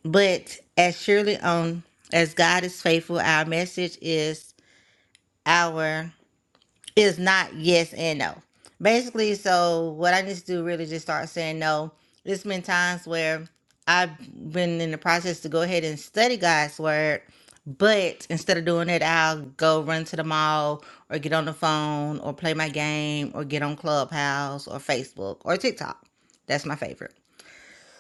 Speaker 7: But as surely on as God is faithful, our message is our is not yes and no. Basically, so what I need to do really just start saying no. There's been times where I've been in the process to go ahead and study God's word, but instead of doing it, I'll go run to the mall or get on the phone or play my game or get on Clubhouse or Facebook or TikTok. That's my favorite.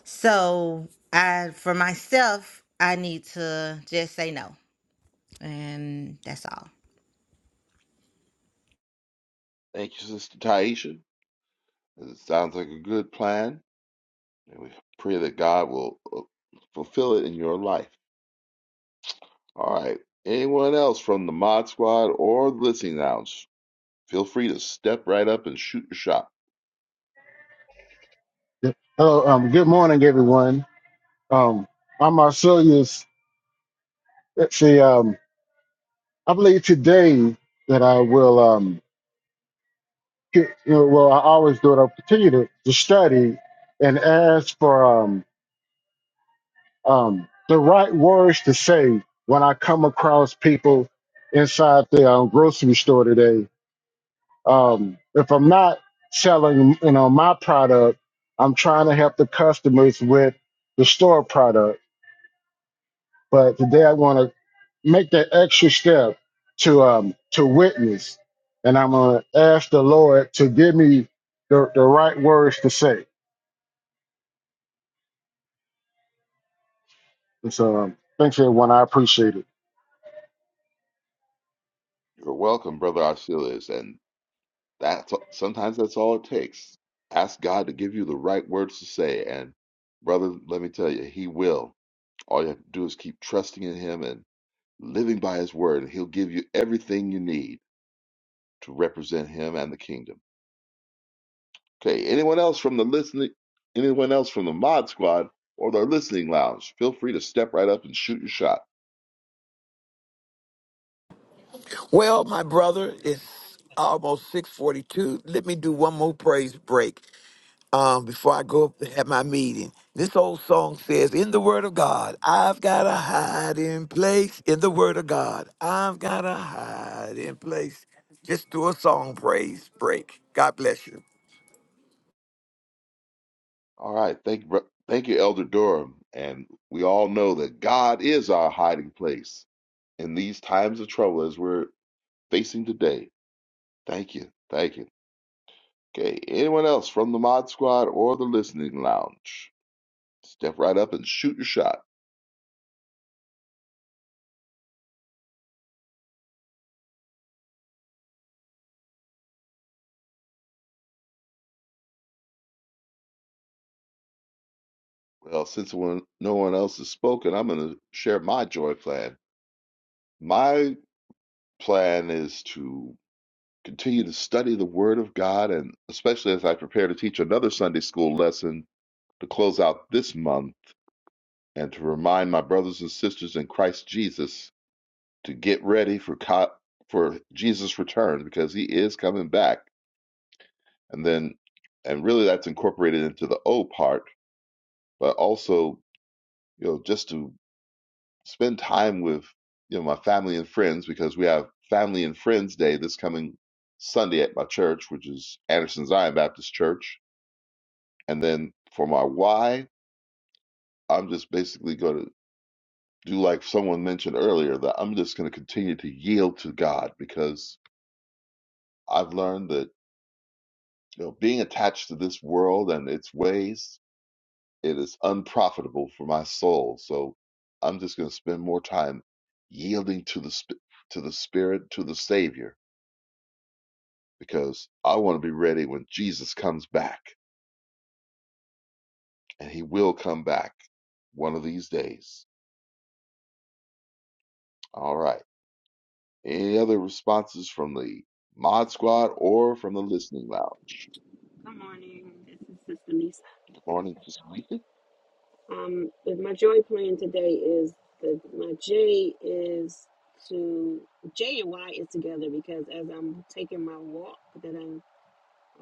Speaker 7: So I, for myself, I need to just say no, and that's all.
Speaker 4: Thank you, Sister Taisha. It sounds like a good plan, and we pray that God will uh, fulfill it in your life. All right. Anyone else from the Mod Squad or the Listening Lounge, feel free to step right up and shoot your shot.
Speaker 8: Hello, um, good morning, everyone. Um, I'm Marsilius. Let's see, um, I believe today that I will, um, get, you know, well, I always do it. I'll continue to, to study and ask for um, um, the right words to say when I come across people inside the um, grocery store today. Um, if I'm not selling, you know, my product, I'm trying to help the customers with the store product. But today I want to make that extra step to um to witness and i'm gonna ask the lord to give me the, the right words to say and so um, thanks everyone i appreciate it
Speaker 4: You're welcome, Brother Arcelius. and That's sometimes that's all it takes. Ask God to give you the right words to say, and brother, let me tell you, He will. All you have to do is keep trusting in Him and living by His word, and He'll give you everything you need to represent Him and the kingdom. Okay, anyone else from the listening, anyone else from the Mod Squad or the Listening Lounge, feel free to step right up and shoot your shot.
Speaker 5: Well, my brother, it's almost 642. Let me do one more praise break. um, before I go up to have my meeting. This old song says, In the Word of God, I've got a hiding place. In the Word of God, I've got a hiding place. Just do a song praise break. God bless you.
Speaker 4: All right, thank you, bro- thank you, Elder Durham, and we all know that God is our hiding place in these times of trouble as we're facing today. Thank you. Thank you. Okay, anyone else from the Mod Squad or the Listening Lounge? Step right up and shoot your shot. Well, since no one, no one else has spoken, I'm going to share my joy plan. My plan is to continue to study the Word of God, and especially as I prepare to teach another Sunday school lesson to close out this month and to remind my brothers and sisters in Christ Jesus to get ready for, co- for Jesus' return because he is coming back and then and really that's incorporated into the O part, but also you know just to spend time with you know my family and friends because we have Family and Friends Day this coming Sunday at my church, which is Anderson Zion Baptist Church, and then for my why, I'm just basically going to do like someone mentioned earlier that I'm just going to continue to yield to God because I've learned that you know being attached to this world and its ways It is unprofitable for my soul. So I'm just going to spend more time yielding to the sp- to the Spirit, to the Savior, because I want to be ready when Jesus comes back, and He will come back one of these days. All right. Any other responses from the Mod Squad or from the Listening Lounge?
Speaker 9: Good morning. This is Sister Lisa.
Speaker 4: Good morning, Sister Lisa.
Speaker 9: Um, my joy plan today is the my J is to J and Y is together because as I'm taking my walk that I'm,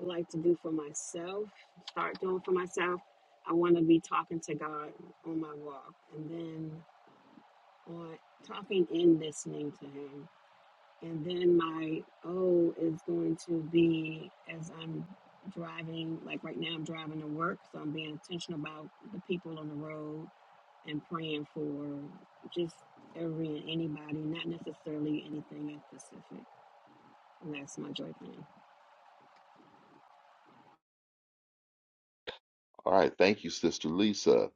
Speaker 9: I like to do for myself, start doing for myself. I want to be talking to God on my walk, and then on talking and listening to Him. And then my O is going to be as I'm driving, like right now I'm driving to work, so I'm being intentional about the people on the road and praying for just every and anybody, not necessarily anything in specific. And that's my joy plan.
Speaker 4: All right. Thank you, Sister Lisa.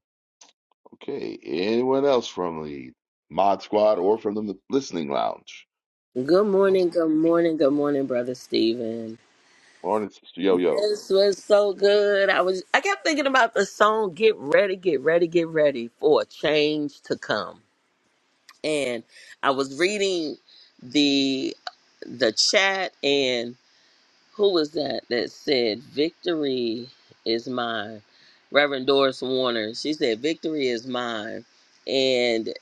Speaker 4: Okay. Anyone else from the Mod Squad or from the Listening Lounge?
Speaker 10: Good morning, good morning, good morning, brother Stephen.
Speaker 4: Morning, Sister Yo Yo.
Speaker 10: This was so good. I was I kept thinking about the song Get Ready, Get Ready, Get Ready for a Change to Come. And I was reading the the chat and who was that that said victory is mine? Reverend Doris Warner. She said victory is mine. And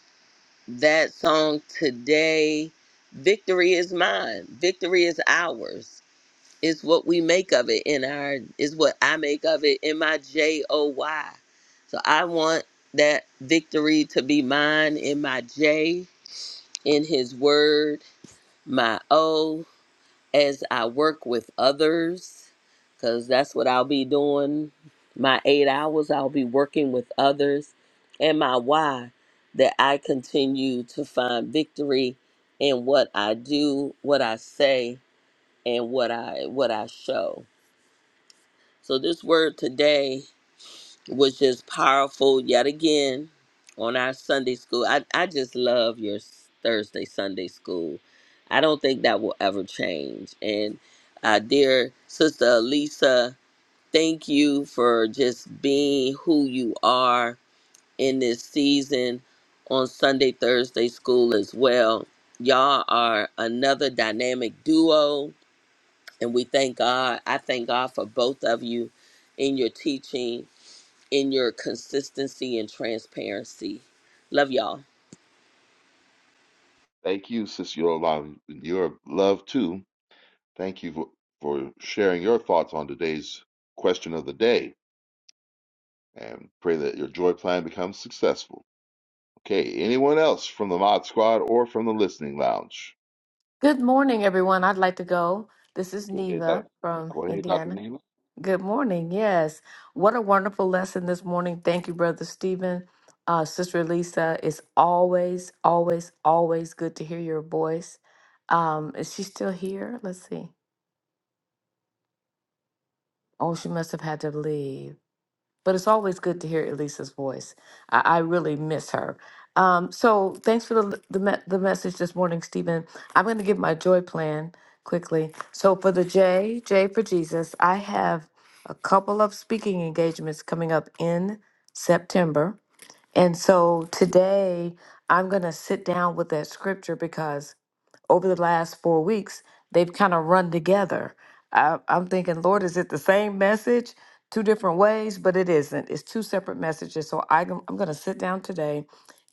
Speaker 10: that song today, victory is mine. Victory is ours It's what we make of it in our is what I make of it in my J O Y. So I want that victory to be mine in my J, in his word, my O, as I work with others, because that's what I'll be doing. My eight hours, I'll be working with others, and my why, that I continue to find victory in what I do, what I say, and what I what I show so this word today was just powerful yet again on our Sunday school. I, I just love your Thursday Sunday school. I don't think that will ever change. And uh, dear sister Lisa, thank you for just being who you are in this season on Sunday Thursday school as well. Y'all are another dynamic duo, and we thank God. I thank God for both of you in your teaching in your consistency and transparency. Love y'all.
Speaker 4: Thank you, Sister Yolanda. Your love, too. Thank you for, for sharing your thoughts on today's question of the day and pray that your joy plan becomes successful. Okay, anyone else from the Mod Squad or from the Listening Lounge?
Speaker 11: Good morning, everyone. I'd like to go. This is
Speaker 4: Go ahead, Doc-
Speaker 11: Neva from
Speaker 4: go ahead, Dr.
Speaker 11: Indiana.
Speaker 4: Neva.
Speaker 11: Good morning. Yes. What a wonderful lesson this morning. Thank you, Brother Stephen. Uh, Sister Lisa, it's always, always, always good to hear your voice. Um, is she still here? Let's see. Oh, she must have had to leave. but it's always good to hear Elisa's voice. I, I really miss her. Um, so thanks for the the, me- the message this morning, Stephen. I'm going to give my joy plan quickly. So for the J, J for Jesus, I have a couple of speaking engagements coming up in September, and so today I'm going to sit down with that scripture because over the last four weeks, they've kind of run together. I, I'm thinking, Lord, is it the same message, two different ways? But it isn't. It's two separate messages. So I, am I'm going to sit down today,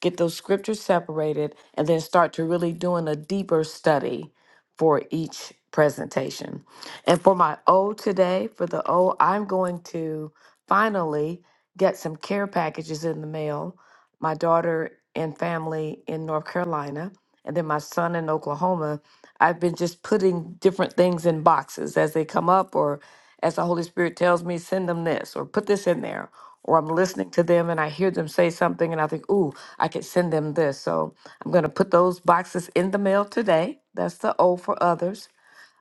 Speaker 11: get those scriptures separated, and then start to really doing a deeper study for each presentation. And for my O today, for the O, I'm going to finally get some care packages in the mail my daughter and family in North Carolina, and then my son in Oklahoma. I've been just putting different things in boxes as they come up, or as the Holy Spirit tells me, send them this, or put this in there. Or I'm listening to them and I hear them say something, and I think, ooh, I could send them this. So I'm going to put those boxes in the mail today. That's the O for others.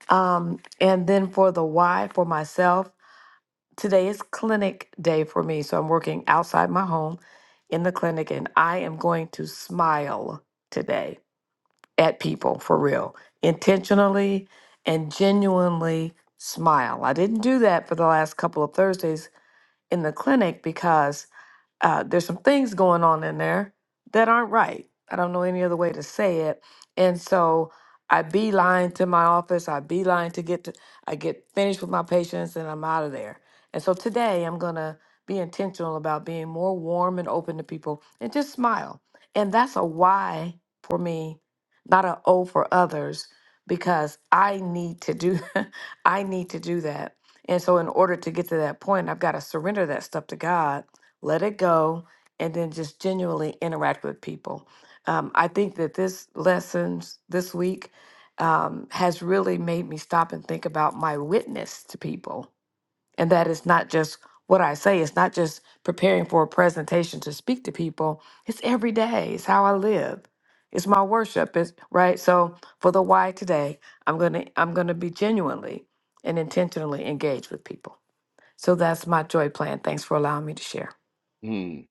Speaker 11: Um, and then for the Y for myself, today is clinic day for me, so I'm working outside my home in the clinic and I am going to smile today at people for real, intentionally and genuinely smile. I didn't do that for the last couple of Thursdays in the clinic because uh, there's some things going on in there that aren't right. I don't know any other way to say it. And so I beeline to my office. I beeline to get to, I get finished with my patients and I'm out of there. And so today I'm going to be intentional about being more warm and open to people and just smile. And that's a why for me, not an O for others, because I need to do, I need to do that. And so in order to get to that point, I've got to surrender that stuff to God let it go, and then just genuinely interact with people. Um, I think that this lessons this week um, has really made me stop and think about my witness to people, and that is not just what I say. It's not just preparing for a presentation to speak to people. It's every day. It's how I live. It's my worship. It's right. So for the why today, I'm gonna I'm gonna be genuinely and intentionally engaged with people. So that's my joy plan. Thanks for allowing me to share.
Speaker 4: Hmm.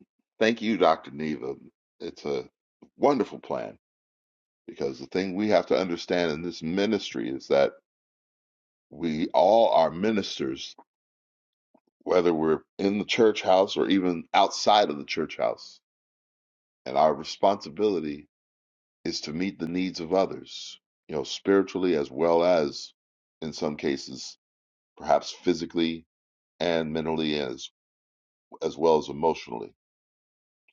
Speaker 4: Thank you, Dr. Neva. It's a wonderful plan because the thing we have to understand in this ministry is that we all are ministers whether we're in the church house or even outside of the church house. And our responsibility is to meet the needs of others, you know, spiritually as well as in some cases, perhaps physically and mentally as as well as emotionally.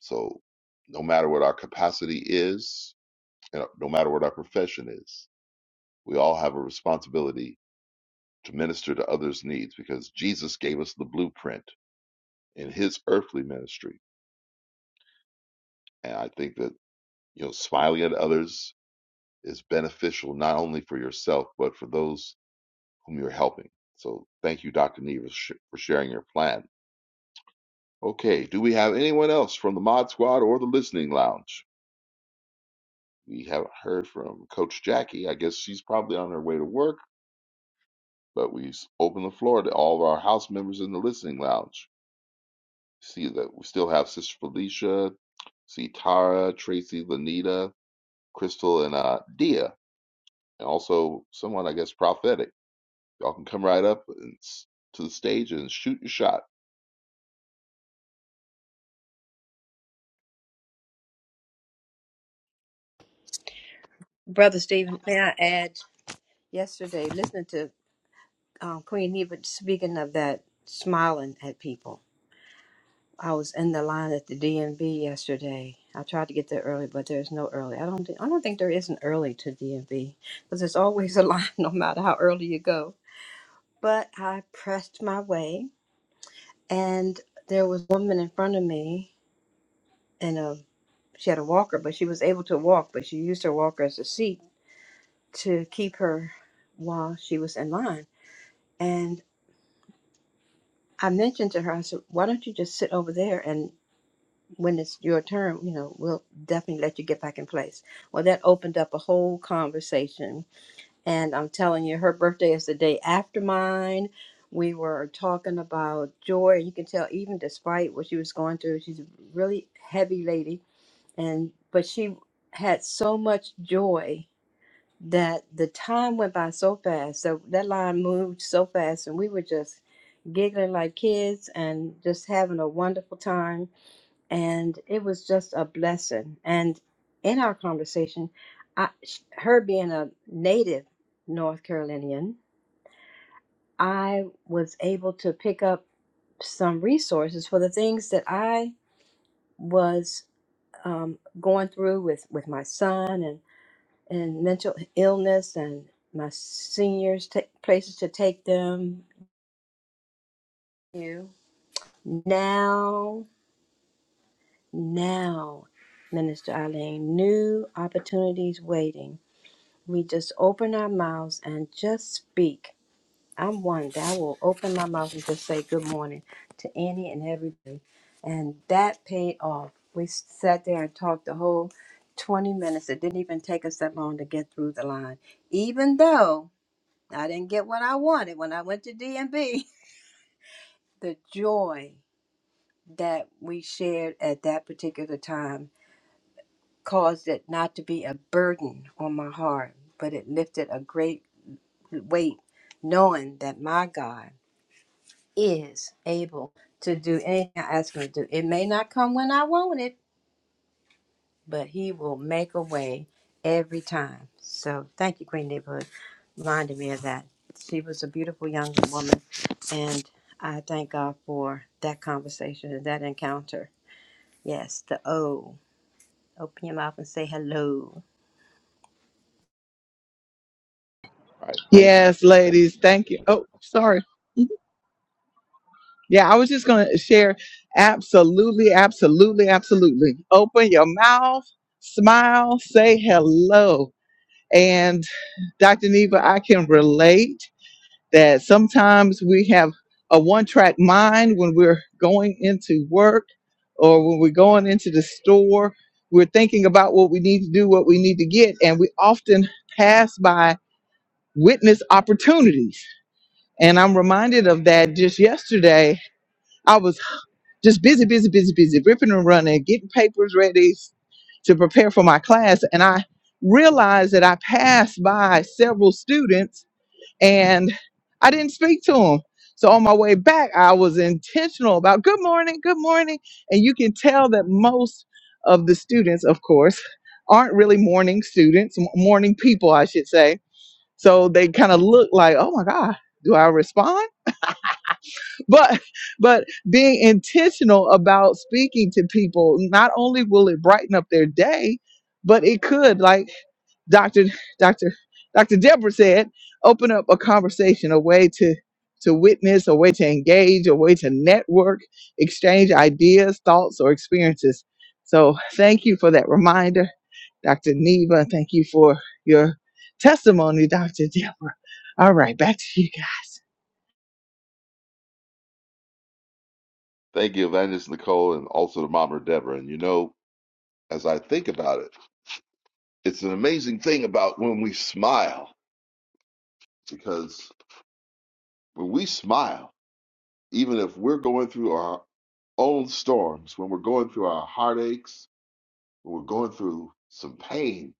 Speaker 4: So no matter what our capacity is, you know, no matter what our profession is, we all have a responsibility to minister to others' needs because Jesus gave us the blueprint in his earthly ministry. And I think that You know, smiling at others is beneficial not only for yourself, but for those whom you're helping. So thank you, Dr. Neva, sh- for sharing your plan. Okay, do we have anyone else from the Mod Squad or the Listening Lounge? We haven't heard from Coach Jackie. I guess she's probably on her way to work, but we s- open the floor to all of our house members in the Listening Lounge. See that we still have Sister Felicia, see Tara, Tracy, Lanita, Crystal, and uh, Dia, and also someone, I guess, prophetic. Y'all can come right up and, s- to the stage and shoot your shot.
Speaker 2: Brother Stephen, may I add, yesterday, listening to um, Queen Neva speaking of that smiling at people, I was in the line at the DMV yesterday. I tried to get there early, but there's no early. I don't, thi- I don't think there is an early to DMV because there's always a line no matter how early you go. But I pressed my way, and there was a woman in front of me, and a, she had a walker, but she was able to walk, but she used her walker as a seat to keep her while she was in line. And I mentioned to her, I said, why don't you just sit over there and when it's your turn, you know, we'll definitely let you get back in place. Well, that opened up a whole conversation. And I'm telling you, her birthday is the day after mine. We were talking about joy. You can tell, even despite what she was going through, she's a really heavy lady. And, but she had so much joy that the time went by so fast. So that line moved so fast, and we were just giggling like kids and just having a wonderful time. And it was just a blessing. And in our conversation, I, sh- her being a native North Carolinian, I was able to pick up some resources for the things that I was um, going through with with my son and mental illness and my seniors take places to take them you now now minister eileen new opportunities waiting we just open our mouths and just speak i'm one that I will open my mouth and just say good morning to any and everybody and that paid off we sat there and talked the whole 20 minutes it didn't even take us that long to get through the line even though I didn't get what I wanted when I went to D and B. The joy that we shared at that particular time caused it not to be a burden on my heart, but it lifted a great weight knowing that my God is able to do anything I ask him to do. It may not come when I want it, but he will make a way every time. So thank you, Queen Neighborhood. Reminded me of that. She was a beautiful young woman, and I thank God for that conversation and that encounter. Yes, the O. Open your mouth and say hello.
Speaker 4: All right. Thank you.
Speaker 1: Yes,
Speaker 4: Thank
Speaker 1: ladies.
Speaker 4: you.
Speaker 1: Thank you. Oh, sorry. Yeah, I was just going to share. Absolutely, absolutely, absolutely. Open your mouth, smile, say hello. And Dr. Neva, I can relate. that sometimes we have a one track mind when we're going into work or when we're going into the store. We're thinking about what we need to do, what we need to get, and we often pass by witness opportunities. And I'm reminded of that just yesterday. I was just busy, busy, busy, busy, ripping and running, getting papers ready to prepare for my class. And I realized that I passed by several students and I didn't speak to him. So on my way back, I was intentional about good morning, good morning. And you can tell that most of the students, of course, aren't really morning students, m- morning people, I should say. So they kind of look like, oh my God, do I respond? But but being intentional about speaking to people, not only will it brighten up their day, but it could like Dr. Dr. Dr. Deborah said, open up a conversation, a way to to witness, a way to engage, a way to network, exchange ideas, thoughts, or experiences. So thank you for that reminder, Dr. Neva. Thank you for your testimony, Dr. Deborah. All right, back to you guys.
Speaker 4: Thank you, Evangelist Nicole, and also to Mama Deborah. And you know, as I think about it, it's an amazing thing about when we smile, because when we smile, even if we're going through our own storms, when we're going through our heartaches, when we're going through some pain,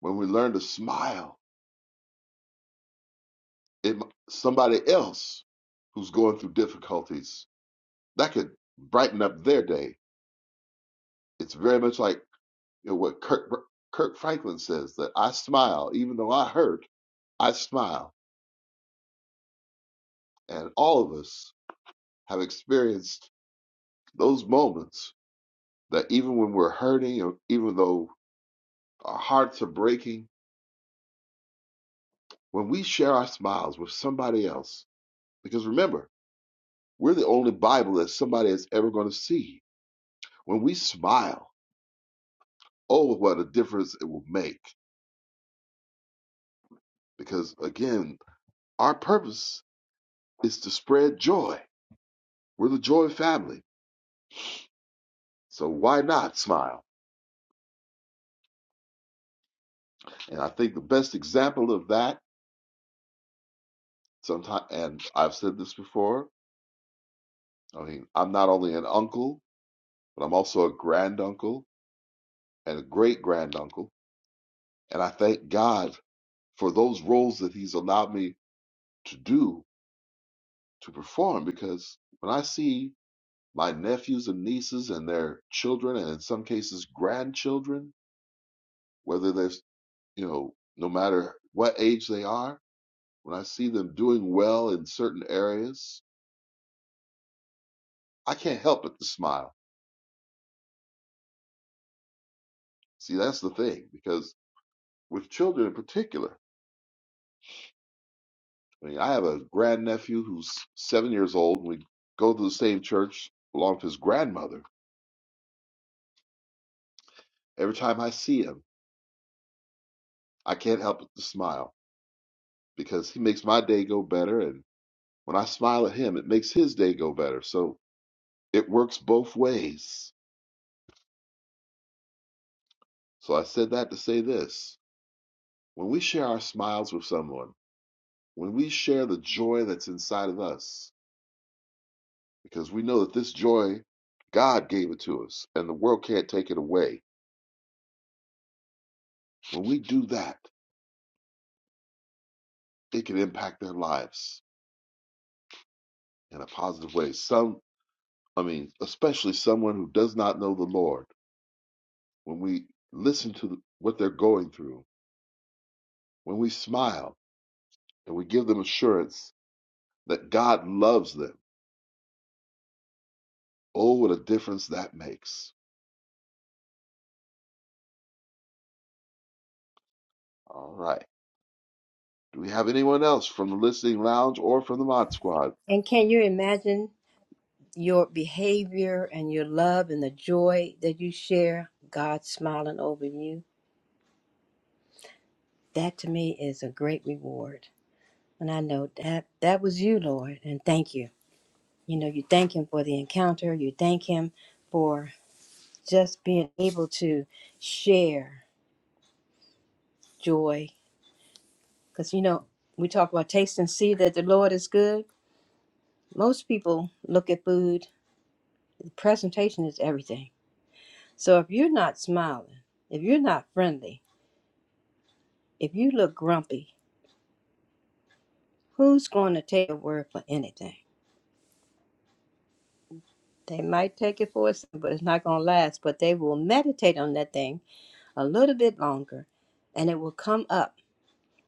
Speaker 4: when we learn to smile at somebody else who's going through difficulties, that could brighten up their day It's very much like you know, what Kirk, Kirk Franklin says that I smile, even though I hurt, I smile. And all of us have experienced those moments that even when we're hurting, or even though our hearts are breaking, when we share our smiles with somebody else, because remember, we're the only Bible that somebody is ever going to see. When we smile, oh, what a difference it will make. Because again, our purpose is to spread joy. We're the joy family So why not smile? And I think the best example of that, sometimes, and I've said this before. I mean, I'm not only an uncle, but I'm also a granduncle and a great granduncle, and I thank God for those roles that He's allowed me to do to perform. Because when I see my nephews and nieces and their children, and in some cases grandchildren, whether they're you know, no matter what age they are, when I see them doing well in certain areas, I can't help but to smile. See, that's the thing, because with children in particular, I mean, I have a grandnephew who's seven years old, and we go to the same church along with his grandmother. Every time I see him, I can't help but to smile because he makes my day go better. And when I smile at him, it makes his day go better. So it works both ways. So I said that to say this when we share our smiles with someone, when we share the joy that's inside of us, because we know that this joy, God gave it to us, and the world can't take it away. When we do that, it can impact their lives in a positive way. Some, I mean, especially someone who does not know the Lord, when we listen to the, what they're going through, when we smile and we give them assurance that God loves them, oh, what a difference that makes. All right. Do we have anyone else from the listening lounge or from the mod squad?
Speaker 2: And can you imagine your behavior and your love and the joy that you share? God smiling over you. That to me is a great reward. And I know that that was you, Lord, and thank you. You know, you thank him for the encounter, you thank him for just being able to share joy. Because, you know, we talk about taste and see that the Lord is good. Most people look at food, the presentation is everything. So if you're not smiling, if you're not friendly, if you look grumpy, who's going to take a word for anything? They might take it for a second, but it's not going to last. But they will meditate on that thing a little bit longer and it will come up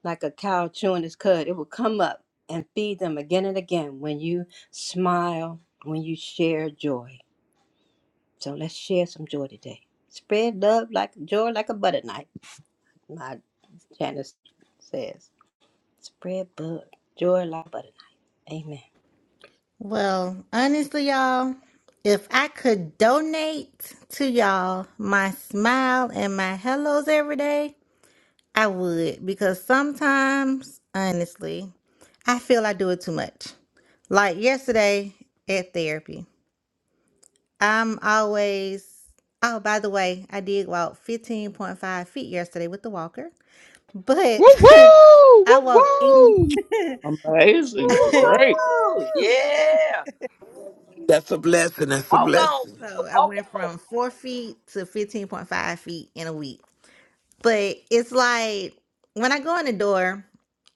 Speaker 2: like a cow chewing its cud. It will come up and feed them again and again when you smile, when you share joy. So let's share some joy today. Spread love like joy like a butter knife, my Janice says. Spread bud, joy like a butter knife. Amen.
Speaker 7: Well, honestly, y'all, if I could donate to y'all my smile and my hellos every day, I would. Because sometimes, honestly, I feel I do it too much. Like yesterday at therapy, I'm always, oh, by the way, I did walk 15.5 feet yesterday with the walker. But
Speaker 1: Woo woo!
Speaker 7: I
Speaker 1: Woo
Speaker 7: walked in,
Speaker 1: woo!
Speaker 7: so
Speaker 10: Woohoo!
Speaker 2: Woohoo!
Speaker 10: Yeah.
Speaker 5: That's a blessing. That's a
Speaker 10: Walk on,
Speaker 5: blessing.
Speaker 10: girl.
Speaker 7: I
Speaker 10: Walk
Speaker 7: went
Speaker 10: on.
Speaker 7: from four feet to 15.5 feet in a week. But it's like when I go in the door,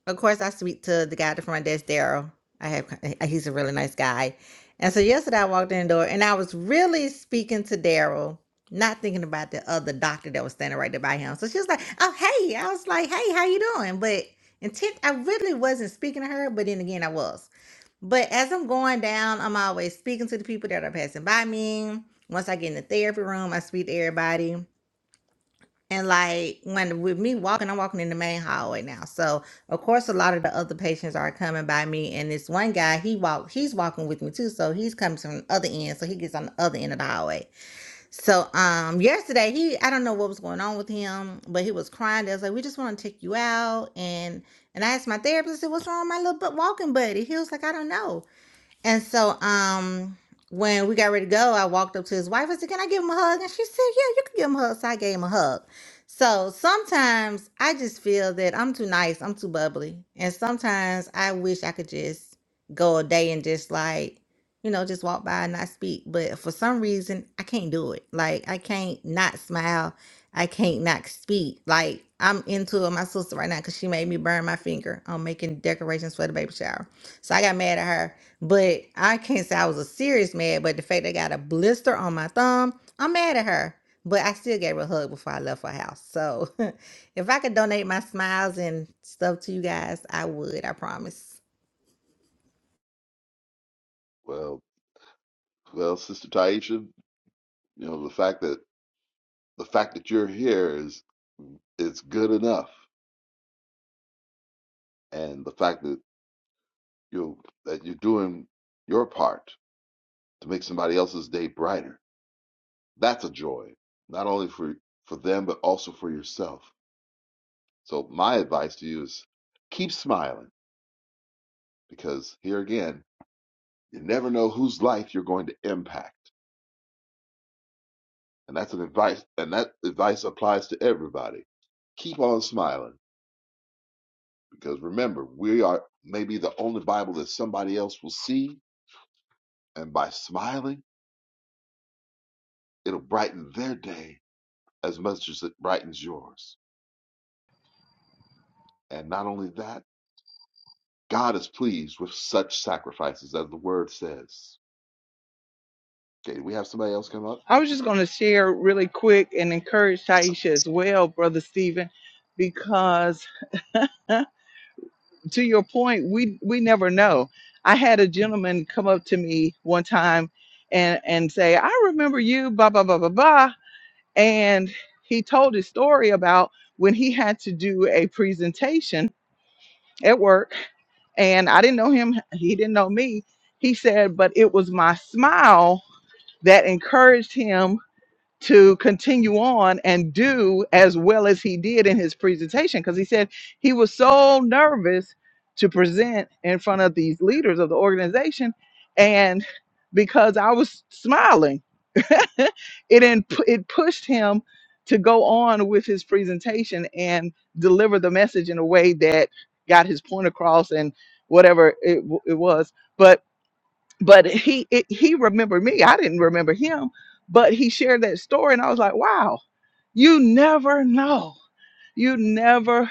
Speaker 7: of course, I speak to the guy at the front desk, Daryl. I have, he's a really nice guy. And so yesterday I walked in the door and I was really speaking to Daryl, not thinking about the other doctor that was standing right there by him. So she was like, Oh, hey. I was like, Hey, how you doing? But intent, I really wasn't speaking to her, but then again, I was. But as I'm going down, I'm always speaking to the people that are passing by me. Once I get in the therapy room, I speak to everybody. And like when with me walking, I'm walking in the main hallway now. So of course a lot of the other patients are coming by me. And this one guy, he walk he's walking with me too. So he's coming from the other end. So he gets on the other end of the hallway. So um yesterday he I don't know what was going on with him, but he was crying. They was like, We just want to take you out. And and I asked my therapist, I said, What's wrong with my little bu- walking buddy? He was like, I don't know. And so um when we got ready to go, I walked up to his wife. I said, Can I give him a hug? And she said, Yeah, you can give him a hug. So I gave him a hug. So sometimes I just feel that I'm too nice, I'm too bubbly. And sometimes I wish I could just go a day and just like, you know, just walk by and not speak. But for some reason, I can't do it. Like I can't not smile. I can't not speak. Like I'm into it, my sister right now, because she made me burn my finger on making decorations for the baby shower. So I got mad at her but I can't say I was a serious mad, but the fact they got a blister on my thumb, I'm mad at her. But I still gave her a hug before I left her house. So if I could donate my smiles and stuff to you guys, I would, I promise.
Speaker 4: Well, well, Sister Taisha, you know, the fact that the fact that you're here is is good enough and the fact that you that you're doing your part to make somebody else's day brighter that's a joy not only for for them but also for yourself so my advice to you is keep smiling because here again you never know whose life you're going to impact and that's an advice and that advice applies to everybody keep on smiling because remember we are maybe the only bible that somebody else will see And by smiling, it'll brighten their day as much as it brightens yours. And not only that, God is pleased with such sacrifices, as the word says. Okay, we have somebody else come up.
Speaker 1: I was just gonna share really quick and encourage Taisha as well, Brother Stephen, because to your point, we we never know. I had a gentleman come up to me one time and and say, "I remember you, blah blah blah blah blah," and he told his story about when he had to do a presentation at work, and I didn't know him, he didn't know me. He said, "But it was my smile that encouraged him." to continue on and do as well as he did in his presentation because he said he was so nervous to present in front of these leaders of the organization and because I was smiling it in, it pushed him to go on with his presentation and deliver the message in a way that got his point across and whatever it, w- it was but but he it, he remembered me i didn't remember him but he shared that story and i was like wow you never know you never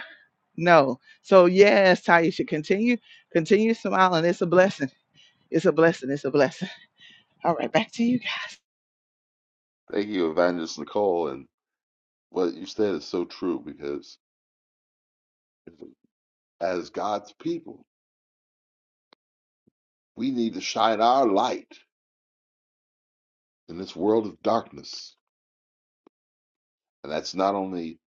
Speaker 1: know so yes taisha continue continue smiling it's a blessing it's a blessing it's a blessing all right back to you guys
Speaker 4: Thank you, Evangelist Nicole. And what you said is so true because as God's people, we need to shine our light in this world of darkness. And that's not only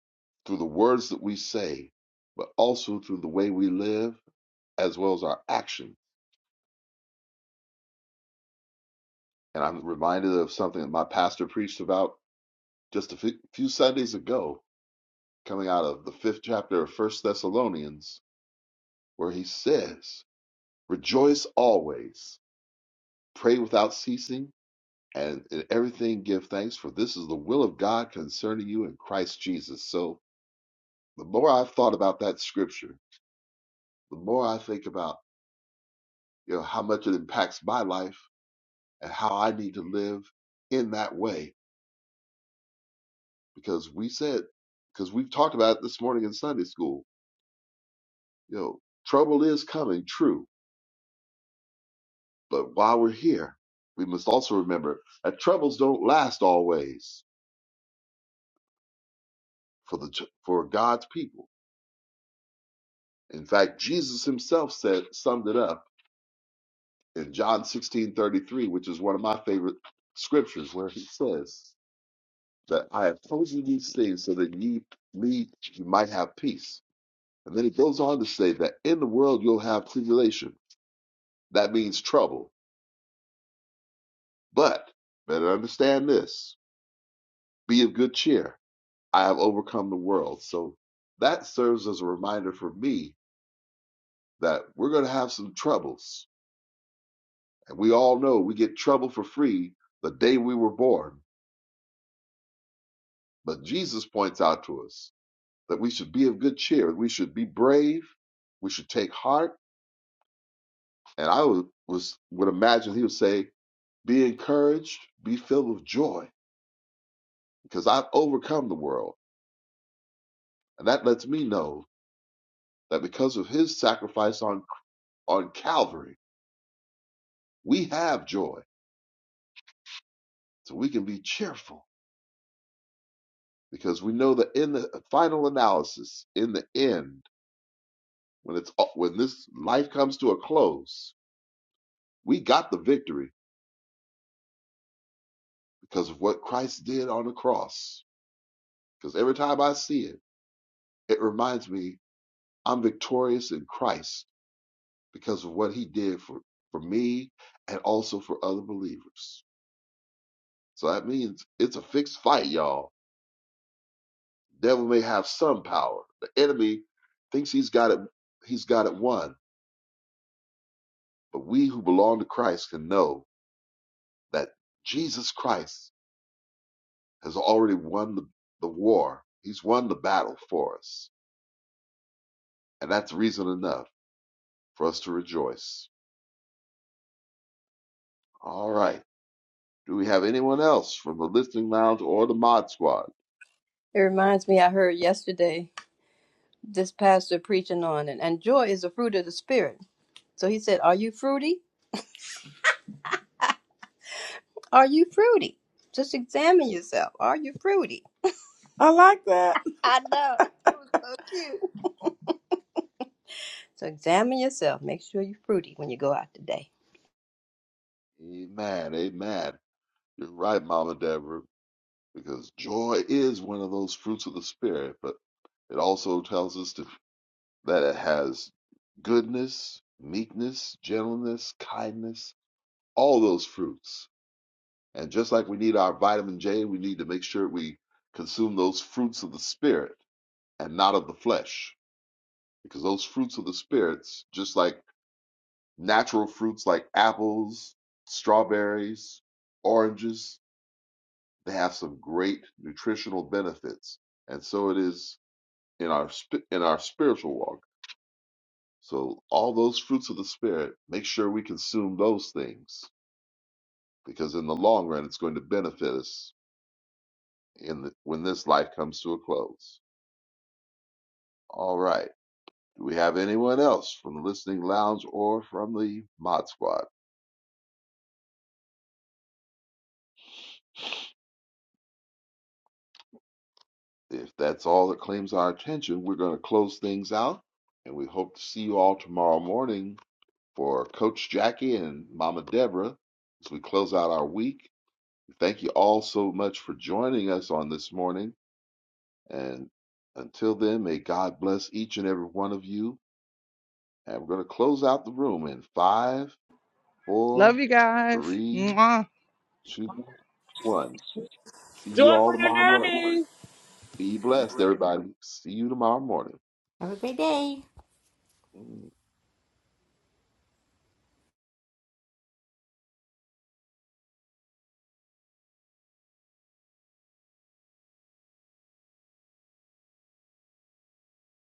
Speaker 4: through the words that we say, but also through the way we live as well as our action. And I'm reminded of something that my pastor preached about just a few Sundays ago, coming out of the fifth chapter of First Thessalonians, where he says, Rejoice always, pray without ceasing, and in everything give thanks, for this is the will of God concerning you in Christ Jesus. So the more I've thought about that scripture, the more I think about you know how much it impacts my life and how I need to live in that way. Because we said, because we've talked about it this morning in Sunday school, You know, trouble is coming, true, but while we're here, we must also remember that troubles don't last always for the ch- for God's people. In fact, Jesus Himself said summed it up in John sixteen thirty three, which is one of my favorite scriptures, where He says that I have told you these things so that ye me you might have peace. And then He goes on to say that in the world you'll have tribulation. That means trouble, but better understand this: be of good cheer I have overcome the world. So that serves as a reminder for me that we're going to have some troubles. And we all know we get trouble for free the day we were born. But Jesus points out to us that we should be of good cheer, we should be brave, we should take heart. And I would, was, would imagine he would say, Be encouraged, be filled with joy, because I've overcome the world. And that lets me know that because of his sacrifice on, on Calvary, we have joy So we can be cheerful because we know that in the uh, final analysis, in the end, when it's when this life comes to a close, we got the victory because of what Christ did on the cross. Because every time I see it, it reminds me I'm victorious in Christ because of what he did for, for me and also for other believers. So that means it's a fixed fight, y'all. The Devil may have some power. The enemy thinks he's got it he's got it won But we who belong to Christ can know that Jesus Christ has already won the, the war. He's won the battle for us. And that's reason enough for us to rejoice. All right. Do we have anyone else from the listening lounge or the mod squad?
Speaker 2: It reminds me I heard yesterday this pastor preaching on it, and joy is a fruit of the spirit. So he said, Are you fruity? Are you fruity? Just examine yourself. Are you fruity?
Speaker 6: I like that.
Speaker 2: I know. It was so cute. So examine yourself. Make sure you're fruity when you go out today.
Speaker 4: Amen. Amen. You're right, Mama Deborah, because joy is one of those fruits of the Spirit, but it also tells us to, that it has goodness, meekness, gentleness, kindness, all those fruits. And just like we need our vitamin J, we need to make sure we consume those fruits of the spirit and not of the flesh. Because those fruits of the spirits, just like natural fruits like apples, strawberries, oranges, they have some great nutritional benefits. And so it is in our in our spiritual walk. So all those fruits of the spirit, make sure we consume those things because in the long run it's going to benefit us in the, when this life comes to a close. All right. Do we have anyone else from the listening lounge or from the mod squad? If that's all that claims our attention, we're going to close things out. And we hope to see you all tomorrow morning for Coach Jackie and Mama Deborah as we close out our week. Thank you all so much for joining us on this morning. And until then, may God bless each and every one of you. And we're going to close out the room in five, four,
Speaker 1: Love you guys.
Speaker 4: three,
Speaker 1: Mwah.
Speaker 4: two, one. See you all tomorrow morning. Be blessed, everybody. See you tomorrow morning.
Speaker 7: Have a great day.
Speaker 4: Mm.